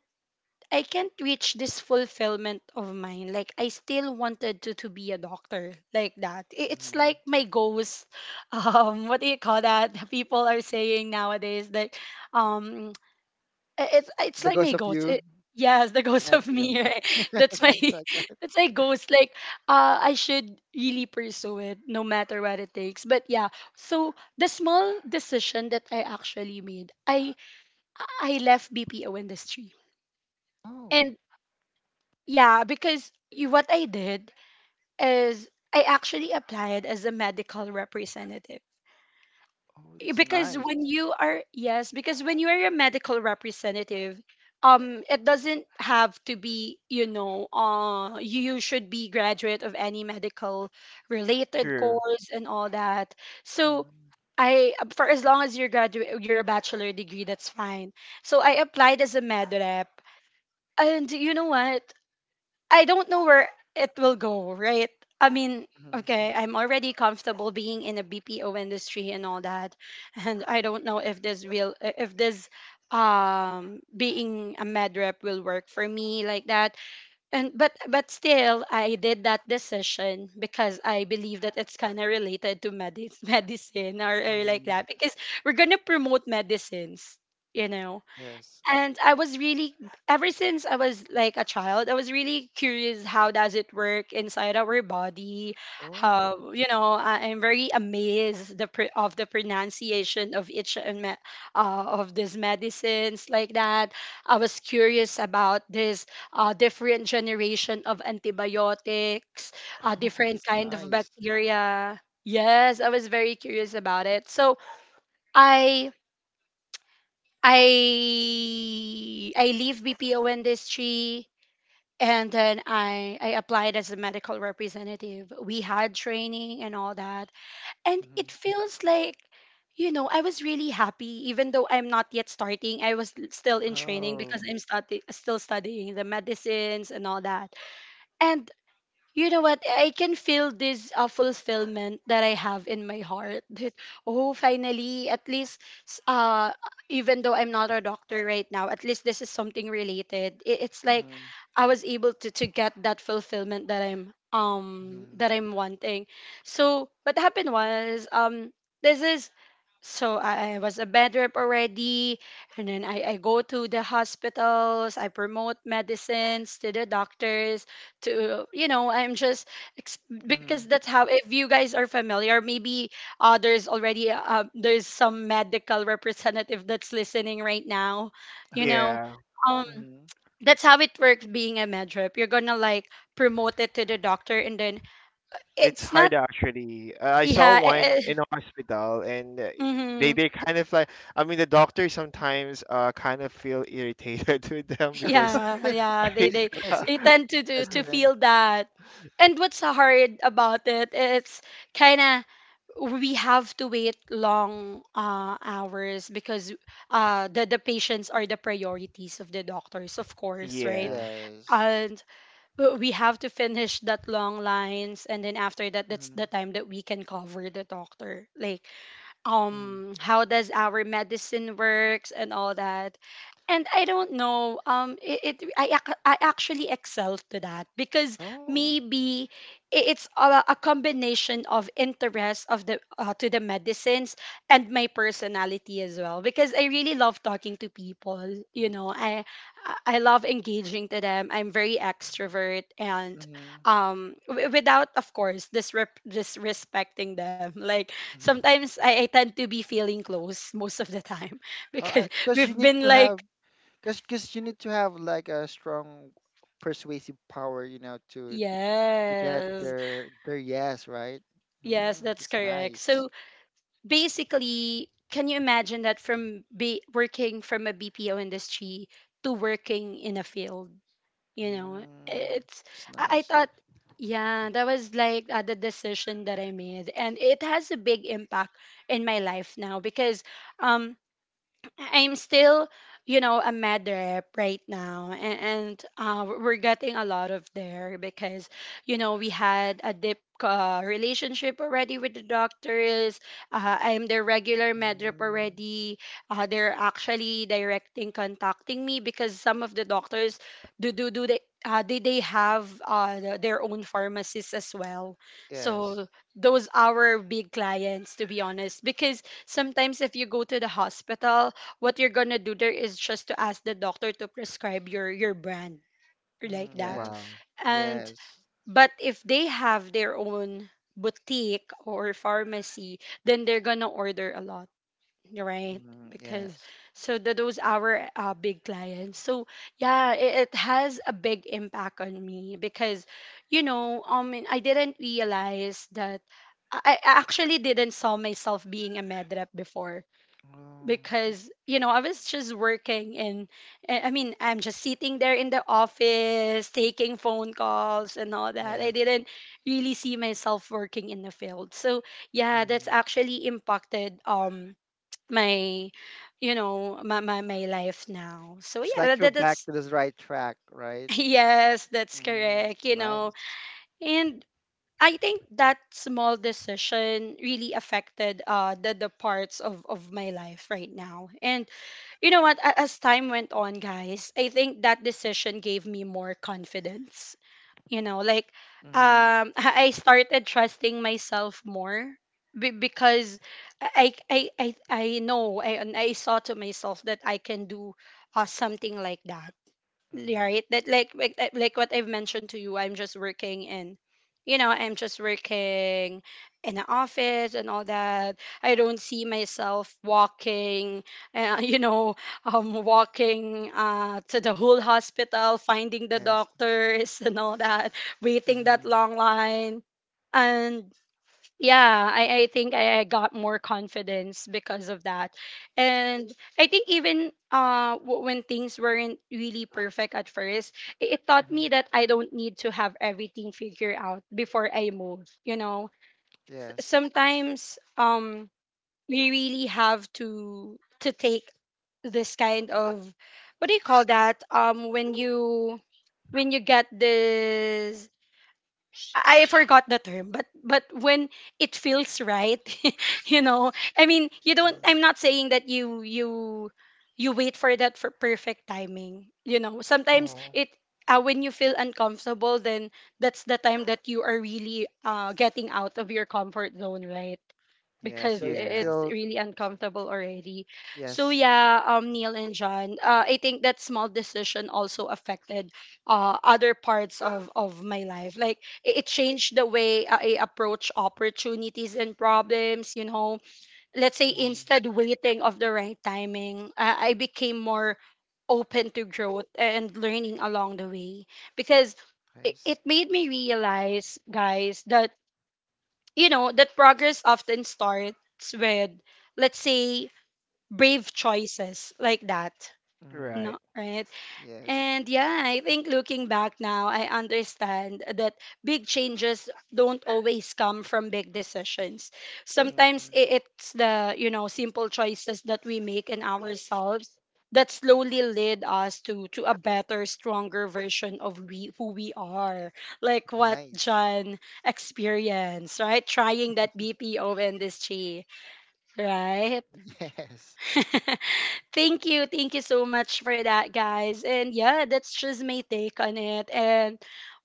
Speaker 1: I can't reach this fulfillment of mine. Like I still wanted to be a doctor like that. I- It's
Speaker 2: Mm-hmm.
Speaker 1: like my ghost. What do you call that? People are saying nowadays that um, it's
Speaker 2: The
Speaker 1: like
Speaker 2: Ghost
Speaker 1: my
Speaker 2: of
Speaker 1: ghost.
Speaker 2: You
Speaker 1: Yes, the ghost
Speaker 2: and
Speaker 1: of
Speaker 2: the
Speaker 1: me. Right?
Speaker 2: Ghost of
Speaker 1: That's my
Speaker 2: something like that.
Speaker 1: that's my ghost. Like I should really pursue it no matter what it takes. But yeah, so the small decision that I actually made, I left BPO industry.
Speaker 2: Oh,
Speaker 1: And yeah, because what I did is I actually applied as a medical representative.
Speaker 2: oh, that's
Speaker 1: Because
Speaker 2: nice.
Speaker 1: when you are, yes, because when you are a medical representative, it doesn't have to be, you know, you should be graduate of any medical related
Speaker 3: true.
Speaker 1: course and all that. So
Speaker 2: Mm-hmm.
Speaker 1: I, for as long as you're graduate, you're a bachelor degree, that's fine. So I applied as a med rep. And you know what? I don't know where it will go, right? I mean, okay, I'm already comfortable being in a BPO industry and all that, and I don't know if this will, if this being a med rep will work for me like that. And but still, I did that decision because I believe that it's kind of related to medis medicine or like
Speaker 2: Mm-hmm.
Speaker 1: that because we're gonna promote medicines, you know.
Speaker 2: Yes.
Speaker 1: And I was really, ever since I was like a child, I was really curious how does it work inside our body,
Speaker 2: Oh,
Speaker 1: how, you know, I, I'm very amazed the of the pronunciation of each and of these medicines like that. I was curious about this, different generation of antibiotics,
Speaker 2: oh,
Speaker 1: different
Speaker 2: that's
Speaker 1: kind of
Speaker 2: nice.
Speaker 1: bacteria. Yes, I was very curious about it, so i I leave BPO industry, and then I applied as a medical representative. We had training and all that. And
Speaker 2: Mm-hmm.
Speaker 1: it feels like, you know, I was really happy even though I'm not yet starting. I was still in training because
Speaker 2: Oh.
Speaker 1: I'm still studying the medicines and all that. And you know what, I can feel this fulfillment that I have in my heart that oh finally at least s- uh even though I'm not a doctor right now, at least this is something related. I- It's like
Speaker 2: Mm-hmm.
Speaker 1: I was able to get that fulfillment that I'm
Speaker 2: Mm-hmm.
Speaker 1: that I'm wanting. So what happened was this is, so I was a bed rep already, and then I go to the hospitals, I promote medicines to the doctors, to you know I'm just ex-
Speaker 2: Mm-hmm.
Speaker 1: because that's how, if you guys are familiar maybe, there's some medical representative that's listening right now, you
Speaker 2: Uh-huh.
Speaker 1: know,
Speaker 3: Yeah,
Speaker 1: um
Speaker 2: Mm-hmm.
Speaker 1: that's how it works being a med rep. You're gonna like promote it to the doctor, and then
Speaker 3: it's
Speaker 1: it's
Speaker 3: hard
Speaker 1: not,
Speaker 3: actually. I saw
Speaker 1: yeah,
Speaker 3: one in a hospital, and
Speaker 1: mhm.
Speaker 3: they kind of like. I mean, the doctors sometimes kind of feel irritated with them because.
Speaker 1: Yeah, yeah,
Speaker 2: Yes.
Speaker 1: they tend to do to
Speaker 2: Hesitant.
Speaker 1: feel that. And what's hard about it, it's kind of, we have to wait long hours because the patients are the priorities of the doctors, of course, right?
Speaker 3: Yeah.
Speaker 2: Yes.
Speaker 1: And we have to finish that long lines, and then after that, that's
Speaker 2: Mm-hmm.
Speaker 1: the time that we can cover the doctor. Like
Speaker 2: Mm-hmm.
Speaker 1: how does our medicine works and all that. And I don't know it, it I, ac- I actually excelled to that because
Speaker 2: Oh.
Speaker 1: maybe it's a combination of interest of the to the medicines, and my personality as well, because I really love talking to people. I love engaging to them. I'm very extrovert and
Speaker 2: Mm-hmm.
Speaker 1: without of course disrespecting them. Like
Speaker 2: Mm-hmm.
Speaker 1: sometimes I tend to be feeling close most of the time
Speaker 2: Oh,
Speaker 1: because
Speaker 2: I, cause you
Speaker 1: we've
Speaker 2: need
Speaker 1: been
Speaker 2: to
Speaker 1: like,
Speaker 2: have, cause you need to have like a strong persuasive power, you know, to get
Speaker 1: yes,
Speaker 2: their yes, right?
Speaker 1: yes,
Speaker 2: Mm,
Speaker 1: that's
Speaker 2: it's
Speaker 1: correct.
Speaker 2: nice.
Speaker 1: So basically, can you imagine that from be working from a BPO industry to working in a field? You know,
Speaker 2: Mm,
Speaker 1: it's,
Speaker 2: it's
Speaker 1: I
Speaker 2: nice.
Speaker 1: thought, yeah, that was like the decision that I made. And it has a big impact in my life now because, um. I'm still, you know, a med rep right now, and, and we're getting a lot of there because, you know, we had a deep relationship already with the doctors. I'm their regular med rep
Speaker 2: Mm,
Speaker 1: already. They're actually directing, contacting me because some of the doctors do do do they. They have their own pharmacists as well,
Speaker 2: yes.
Speaker 1: so those are our big clients, to be honest, because sometimes if you go to the hospital, what you're gonna do there is just to ask the doctor to prescribe your brand, like
Speaker 2: Mm,
Speaker 1: that.
Speaker 2: yes.
Speaker 3: Wow.
Speaker 1: And
Speaker 2: Yes.
Speaker 1: but if they have their own boutique or pharmacy, then they're gonna order a lot, right?
Speaker 2: Mm,
Speaker 1: Because
Speaker 2: yes.
Speaker 1: so that those our big clients. So yeah, it has a big impact on me because I didn't realize that I actually didn't saw myself being a med rep before,
Speaker 2: Oh, it-
Speaker 1: because you know I was just working, and I mean I'm just sitting there in the office taking phone calls and all that. I
Speaker 2: yes.
Speaker 1: didn't really see myself working in the field. So yeah, that's
Speaker 2: Mm-hmm.
Speaker 1: actually impacted my, you know, my my life now. So
Speaker 2: It's
Speaker 1: yeah,
Speaker 2: like you're
Speaker 1: that,
Speaker 2: back
Speaker 1: that's
Speaker 2: to the right track, right?
Speaker 1: yes, that's
Speaker 2: Mm-hmm.
Speaker 1: correct,
Speaker 2: It's
Speaker 1: you know.
Speaker 2: nice.
Speaker 1: And I think that small decision really affected the parts of my life right now. And you know what, as time went on, guys, I think that decision gave me more confidence, you know, like
Speaker 2: Mm-hmm.
Speaker 1: I started trusting myself more, because I know and I saw to myself that I can do something like that,
Speaker 2: Mm-hmm.
Speaker 1: right? That like what I've mentioned to you, I'm just working in, you know, I'm just working in an office and all that. I don't see myself walking, you know, walking to the whole hospital finding the
Speaker 2: Yes.
Speaker 1: doctors, and all that, waiting that
Speaker 2: Mm-hmm.
Speaker 1: long line. And yeah, I think I got more confidence because of that. And I think even when things weren't really perfect at first, it taught
Speaker 2: Mm-hmm.
Speaker 1: me that I don't need to have everything figured out before I move, you know.
Speaker 2: Yes.
Speaker 1: Sometimes we really have to take this kind of, what do you call that, when you, when you get this, I forgot the term, but when it feels right, you know. I mean, you don't. I'm not saying that you you wait for that for perfect timing. You know, sometimes
Speaker 2: Mm-hmm.
Speaker 3: Oh.
Speaker 1: it when you feel uncomfortable, then that's the time that you are really getting out of your comfort zone, right?
Speaker 2: Yeah.
Speaker 1: Because
Speaker 2: So it's
Speaker 3: Yeah.
Speaker 1: it's
Speaker 2: still
Speaker 1: really uncomfortable already. So
Speaker 2: yes.
Speaker 1: yeah, Neil and John, I think that small decision also affected other parts of my life, like it changed the way I approach opportunities and problems. You know, let's say
Speaker 2: Mm-hmm.
Speaker 1: instead waiting of the right timing, I became more open to growth and learning along the way, because it,
Speaker 2: Nice.
Speaker 1: it made me realize, guys, that you know that progress often starts with, let's say, brave choices like that.
Speaker 2: Mm-hmm.
Speaker 3: Right.
Speaker 1: No, right?
Speaker 2: Yes.
Speaker 1: And yeah, I think looking back now, I understand that big changes don't always come from big decisions.
Speaker 2: Mm-hmm.
Speaker 1: Sometimes it's the, you know, simple choices that we make in ourselves that slowly lead us to a better, stronger version of we who we are. Like what
Speaker 2: Nice.
Speaker 1: John experienced, right? Trying that BPO industry, right?
Speaker 2: Yes.
Speaker 1: Thank you. Thank you so much for that, guys. And yeah, that's just my take on it. And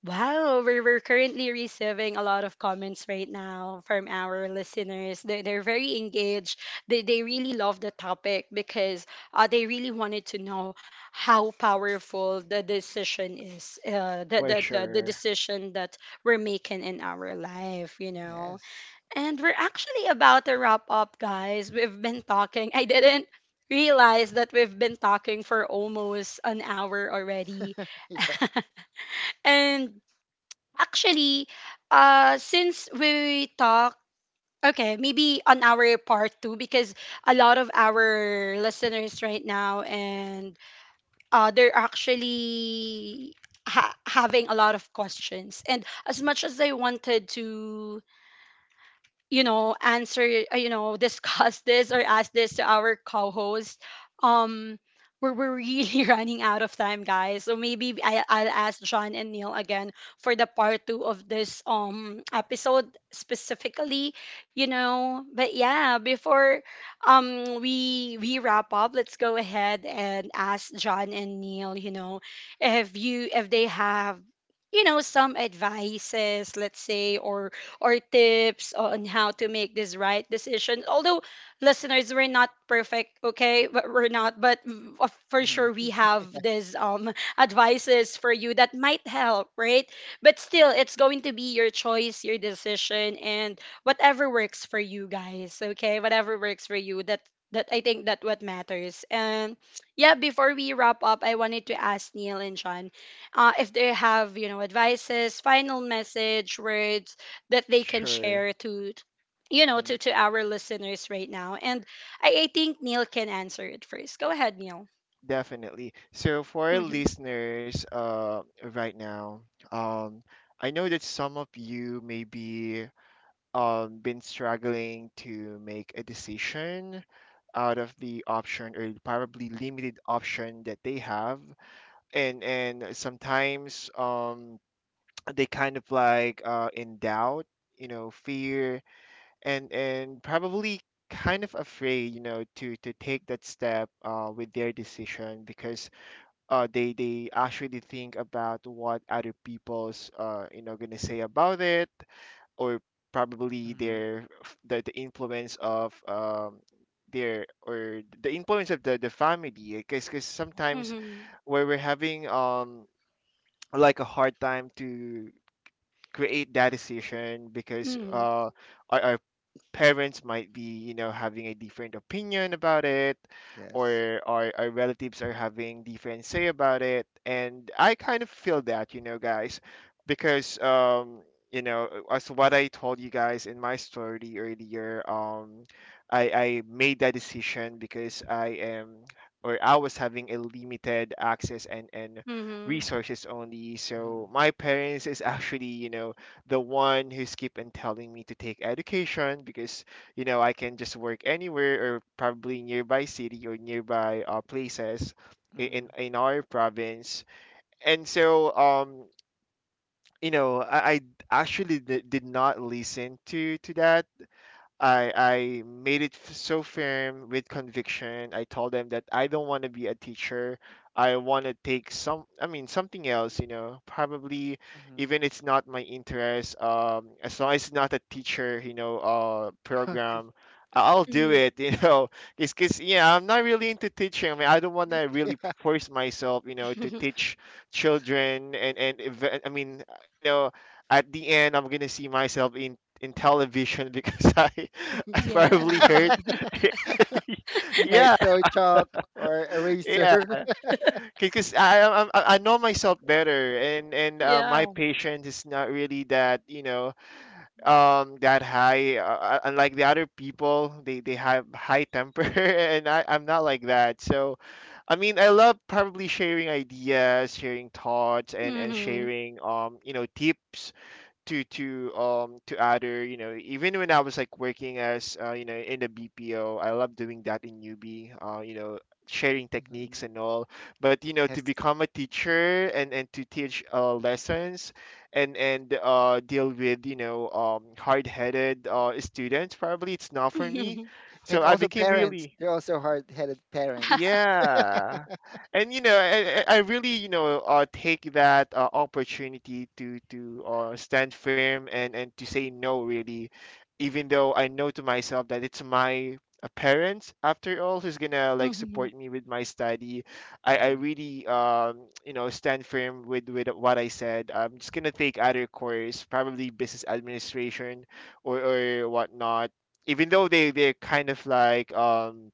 Speaker 1: wow, we're currently receiving a lot of comments right now from our listeners. They're very engaged. They really love the topic because they really wanted to know how powerful the decision is,
Speaker 3: For
Speaker 1: the
Speaker 3: sure.
Speaker 1: decision that we're making in our life, you know?
Speaker 2: Yes.
Speaker 1: And we're actually about to wrap up, guys. We've been talking. I didn't realize that we've been talking for almost an hour already.
Speaker 2: Yeah.
Speaker 1: And actually, since we talk, okay, maybe on our part two, because a lot of our listeners right now, and they're actually having a lot of questions. And as much as I wanted to, you know, answer, you know, discuss this or ask this to our co-host, um we're really running out of time, guys, so maybe I'll ask John and Neil again for the part two of this episode specifically, you know. But yeah, before we wrap up, let's go ahead and ask John and Neil, you know, if you, if they have, you know, some advices, let's say, or tips on how to make this right decision. Although, listeners, we're not perfect, okay? But we're not, but mm, for sure
Speaker 2: Mm-hmm.
Speaker 1: we have these advices for you that might help, right? But still, it's going to be your choice, your decision, and whatever works for you guys, okay? Whatever works for you, that I think that what matters. And yeah, before we wrap up, I wanted to ask Neil and John if they have, you know, advices, final message, words that they can
Speaker 3: Sure.
Speaker 1: share to, you know, to our listeners right now. And I think Neil can answer it first. Go ahead, Neil.
Speaker 3: Definitely. So for our
Speaker 1: Mm-hmm.
Speaker 3: listeners, right now, um, I know that some of you maybe been struggling to make a decision out of the option or probably limited option that they have, and sometimes they kind of like in doubt, you know, fear, and probably kind of afraid, you know, to take that step with their decision. Because they actually think about what other people's, you know, gonna say about it, or probably
Speaker 2: Mm-hmm.
Speaker 3: their the influence of their, or the influence of the, family. Because sometimes
Speaker 1: Mm-hmm.
Speaker 3: where we're having like a hard time to create that decision because
Speaker 1: Mm-hmm.
Speaker 3: our, parents might be, you know, having a different opinion about it,
Speaker 2: Yes.
Speaker 3: or our, relatives are having different say about it. And I kind of feel that, you know, guys, because you know, as what I told you guys in my story earlier, I made that decision because I am, or I was having a limited access, and
Speaker 1: Mm-hmm.
Speaker 3: resources only.
Speaker 2: Mm-hmm.
Speaker 3: So my parents is actually, you know, the one who's keeping telling me to take education, because you know, I can just work anywhere, or probably nearby city or nearby places
Speaker 2: Mm-hmm.
Speaker 3: in our province. And so you know I actually did not listen to that. I made it so firm with conviction. I told them that I don't want to be a teacher. I want to take some, I mean, something else, you know. Probably even it's not my interest, as long as it's not a teacher, you know,
Speaker 2: Mm-hmm.
Speaker 3: program, I'll do
Speaker 1: Mm-hmm.
Speaker 3: it, you know, because yeah, I'm not really into teaching. I mean, I don't want to really force myself, you know, to teach children, and I mean, you know, at the end, I'm gonna see myself in television, because I I
Speaker 1: Yeah,
Speaker 3: probably hurt.
Speaker 2: You might
Speaker 3: yeah,
Speaker 2: throw chalk or
Speaker 3: yeah.
Speaker 2: eraser.
Speaker 3: Because I know myself better, and my
Speaker 1: yeah,
Speaker 3: patience is not really that, you know, that high. Unlike the other people, they have high temper, and I'm not like that. So I mean, I love probably sharing ideas, sharing thoughts, and
Speaker 1: mm-hmm.
Speaker 3: sharing, you know, tips to other, you know, even when I was like working as you know, in the BPO, I love doing that in UB, you know, sharing
Speaker 2: Mm-hmm.
Speaker 3: techniques and all. But you know, to
Speaker 2: Yes.
Speaker 3: become a teacher and to teach lessons, and deal with, you know, hard-headed students, probably it's not for me.
Speaker 2: And
Speaker 3: So I
Speaker 2: also
Speaker 3: became
Speaker 2: parents,
Speaker 3: really
Speaker 2: they're also hard-headed parents.
Speaker 3: yeah, and you know I really, you know, take that opportunity to stand firm and to say no really, even though I know to myself that it's my parents after all who's gonna like
Speaker 1: Mm-hmm.
Speaker 3: support me with my study. I
Speaker 2: Mm-hmm.
Speaker 3: really, you know, stand firm with what I said. I'm just gonna take other course, probably business administration or whatnot. Even though they they're kind of like um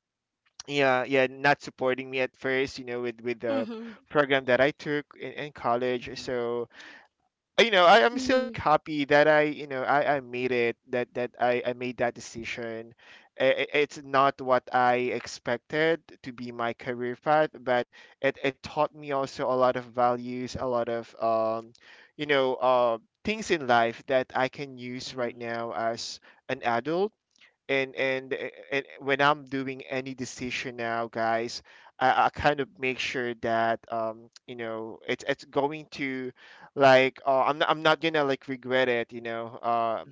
Speaker 3: yeah yeah not supporting me at first, you know, with the
Speaker 1: Mm-hmm. Mm-hmm.
Speaker 3: program that I took in college.
Speaker 2: Mm-hmm.
Speaker 3: So you know, I'm still
Speaker 1: Mm-hmm.
Speaker 3: like happy that I, you know, I made it, that that I made that decision. It's not what I expected to be my career path, but it taught me also a lot of values, a lot of, you know, things in life that I can use
Speaker 2: Mm-hmm.
Speaker 3: right now as an adult. And when I'm doing any decision now, guys, I kind of make sure that, you know, it's going to like, I'm not gonna like regret it, you know.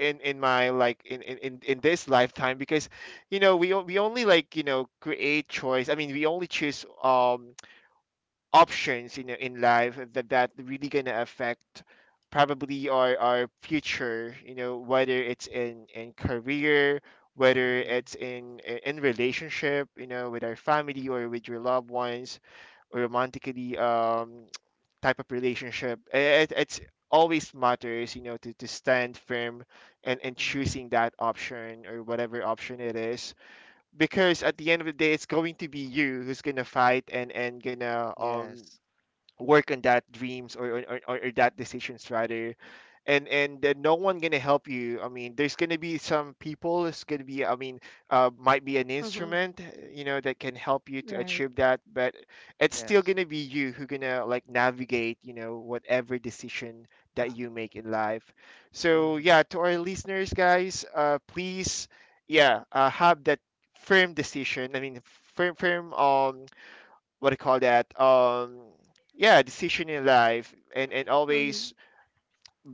Speaker 3: In my like in this lifetime, because you know, we only like, you know, create choice. I mean, we only choose, options, you know, in life that that really gonna affect probably our future, you know, whether it's in career, whether
Speaker 2: Mm-hmm. Mm-hmm.
Speaker 3: it's in relationship, you know, with our family, or with your loved ones, or romantically, type of relationship. It's always matters, you know, to stand firm and
Speaker 2: Mm-hmm.
Speaker 3: choosing that option, or whatever option it is. Because at the end of the day, it's going to be you who's gonna fight, and gonna,
Speaker 2: Yes.
Speaker 3: work on that dreams, or or that decisions rather. And no one gonna help you. I mean, there's gonna be some people. It's gonna be, I mean, might be an
Speaker 1: Mm-hmm.
Speaker 3: instrument, you know, that can help you to
Speaker 1: Right.
Speaker 3: achieve that, but it's still
Speaker 2: Yes.
Speaker 3: gonna be you who gonna like navigate, you know, whatever decision that you make in life. So
Speaker 2: Mm-hmm.
Speaker 3: yeah, to our listeners, guys, please, yeah, have that firm decision. I mean, firm, what do you call that, yeah, decision in life. And
Speaker 1: Mm-hmm.
Speaker 3: always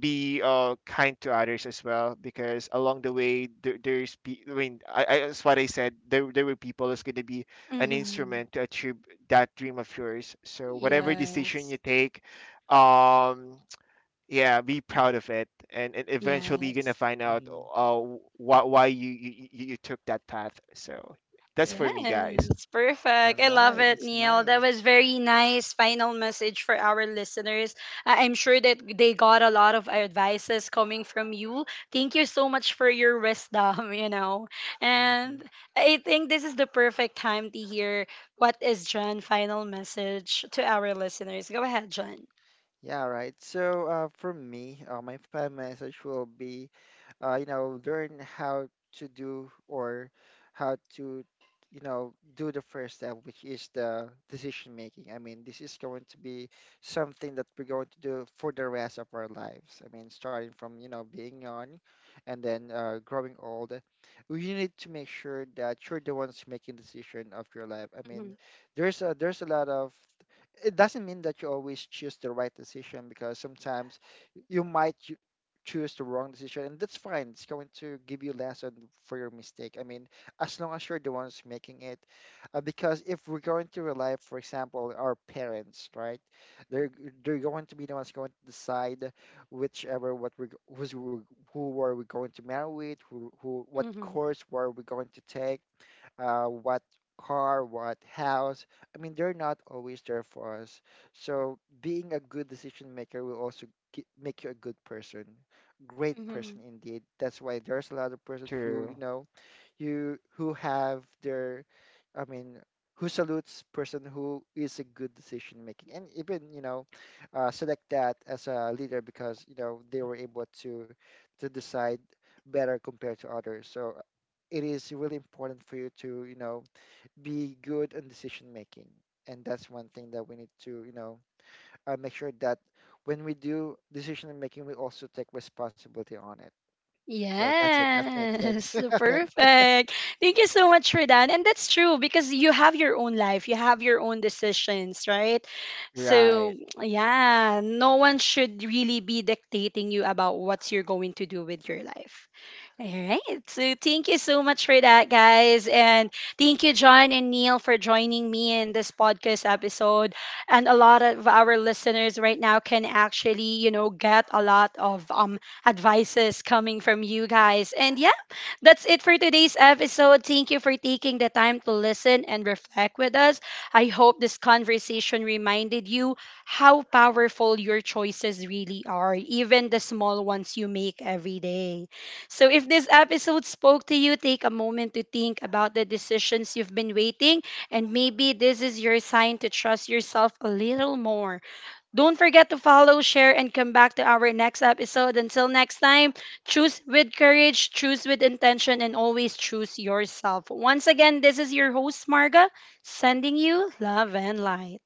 Speaker 3: be kind to others as well, because along the way there's I mean, I, that's what I said, there were people that's going to be an
Speaker 1: Mm-hmm.
Speaker 3: instrument to achieve that dream of yours. So whatever
Speaker 2: Mm-hmm.
Speaker 3: decision you
Speaker 1: Yes,
Speaker 3: take, um yeah, be proud of it, and, eventually you're gonna
Speaker 1: yes.
Speaker 3: find out
Speaker 2: Mm-hmm.
Speaker 3: uh why you you took that path. So that's for me,
Speaker 2: Yes.
Speaker 3: guys.
Speaker 1: Yes,
Speaker 2: All
Speaker 1: perfect. I love
Speaker 2: right.
Speaker 1: it,
Speaker 2: It's
Speaker 1: Neil. That was
Speaker 2: nice.
Speaker 1: very nice final message for our listeners. I'm sure that they got a lot of advices coming from you. Thank you so much for your wisdom, you know.
Speaker 2: Mm-hmm.
Speaker 1: And I think this is the perfect time to hear what is John' final message to our listeners. Go ahead, John.
Speaker 2: Yeah, right. So for me, my final message will be, you know, learn how to do or how to, you know, do the first step, which is the decision making. I mean, this is going to be something that we're going to do for the rest of our lives. I mean, starting from, you know, being young, and then growing old, we need to make sure that you're the ones making decision of your life. I mean,
Speaker 1: Hmm.
Speaker 2: there's a lot of, it doesn't mean that you always choose the right decision, because sometimes you might choose the wrong decision, and that's fine, it's going to give you lesson for your mistake. I mean, as long as you're the ones making it, because if we're going to rely, for example, our parents, right, they're they're going to be the ones going to decide whichever, what we, who's we- who are we going to marry with, who, what
Speaker 1: Hmm.
Speaker 2: course were we going to take, what car, what house. I mean, they're not always there for us. So being a good decision maker will also make you a good person, great person
Speaker 1: Hmm.
Speaker 2: indeed. That's why there's a lot of persons who,
Speaker 3: True.
Speaker 2: you know, you who have their, I mean, who salutes person who is a good decision making, and even, you know, select that as a leader, because you know they were able to decide better compared to others. So it is really important for you to, you know, be good in decision making, and that's one thing that we need to, you know, make sure that when we do decision making, we also take responsibility on it. So that's it. That's my take
Speaker 1: Yes,
Speaker 2: on it.
Speaker 1: perfect. Thank you so much for that. And that's true because you have your own life, you have your own decisions, right?
Speaker 3: Right.
Speaker 1: So, yeah, no one should really be dictating you about what you're going to do with your life. All right. So, thank you so much for that, guys. And thank you, John and Neil, for joining me in this podcast episode. And a lot of our listeners right now can actually, you know, get a lot of advices coming from you guys. And yeah, that's it for today's episode. Thank you for taking the time to listen and reflect with us. I hope this conversation reminded you how powerful your choices really are, even the small ones you make every day. So if this episode spoke to you, take a moment to think about the decisions you've been waiting, and maybe this is your sign to trust yourself a little more. Don't forget to follow, share, and come back to our next episode. Until next time, choose with courage, choose with intention, and always choose yourself. Once again, this is your host, Marga, sending you love and light.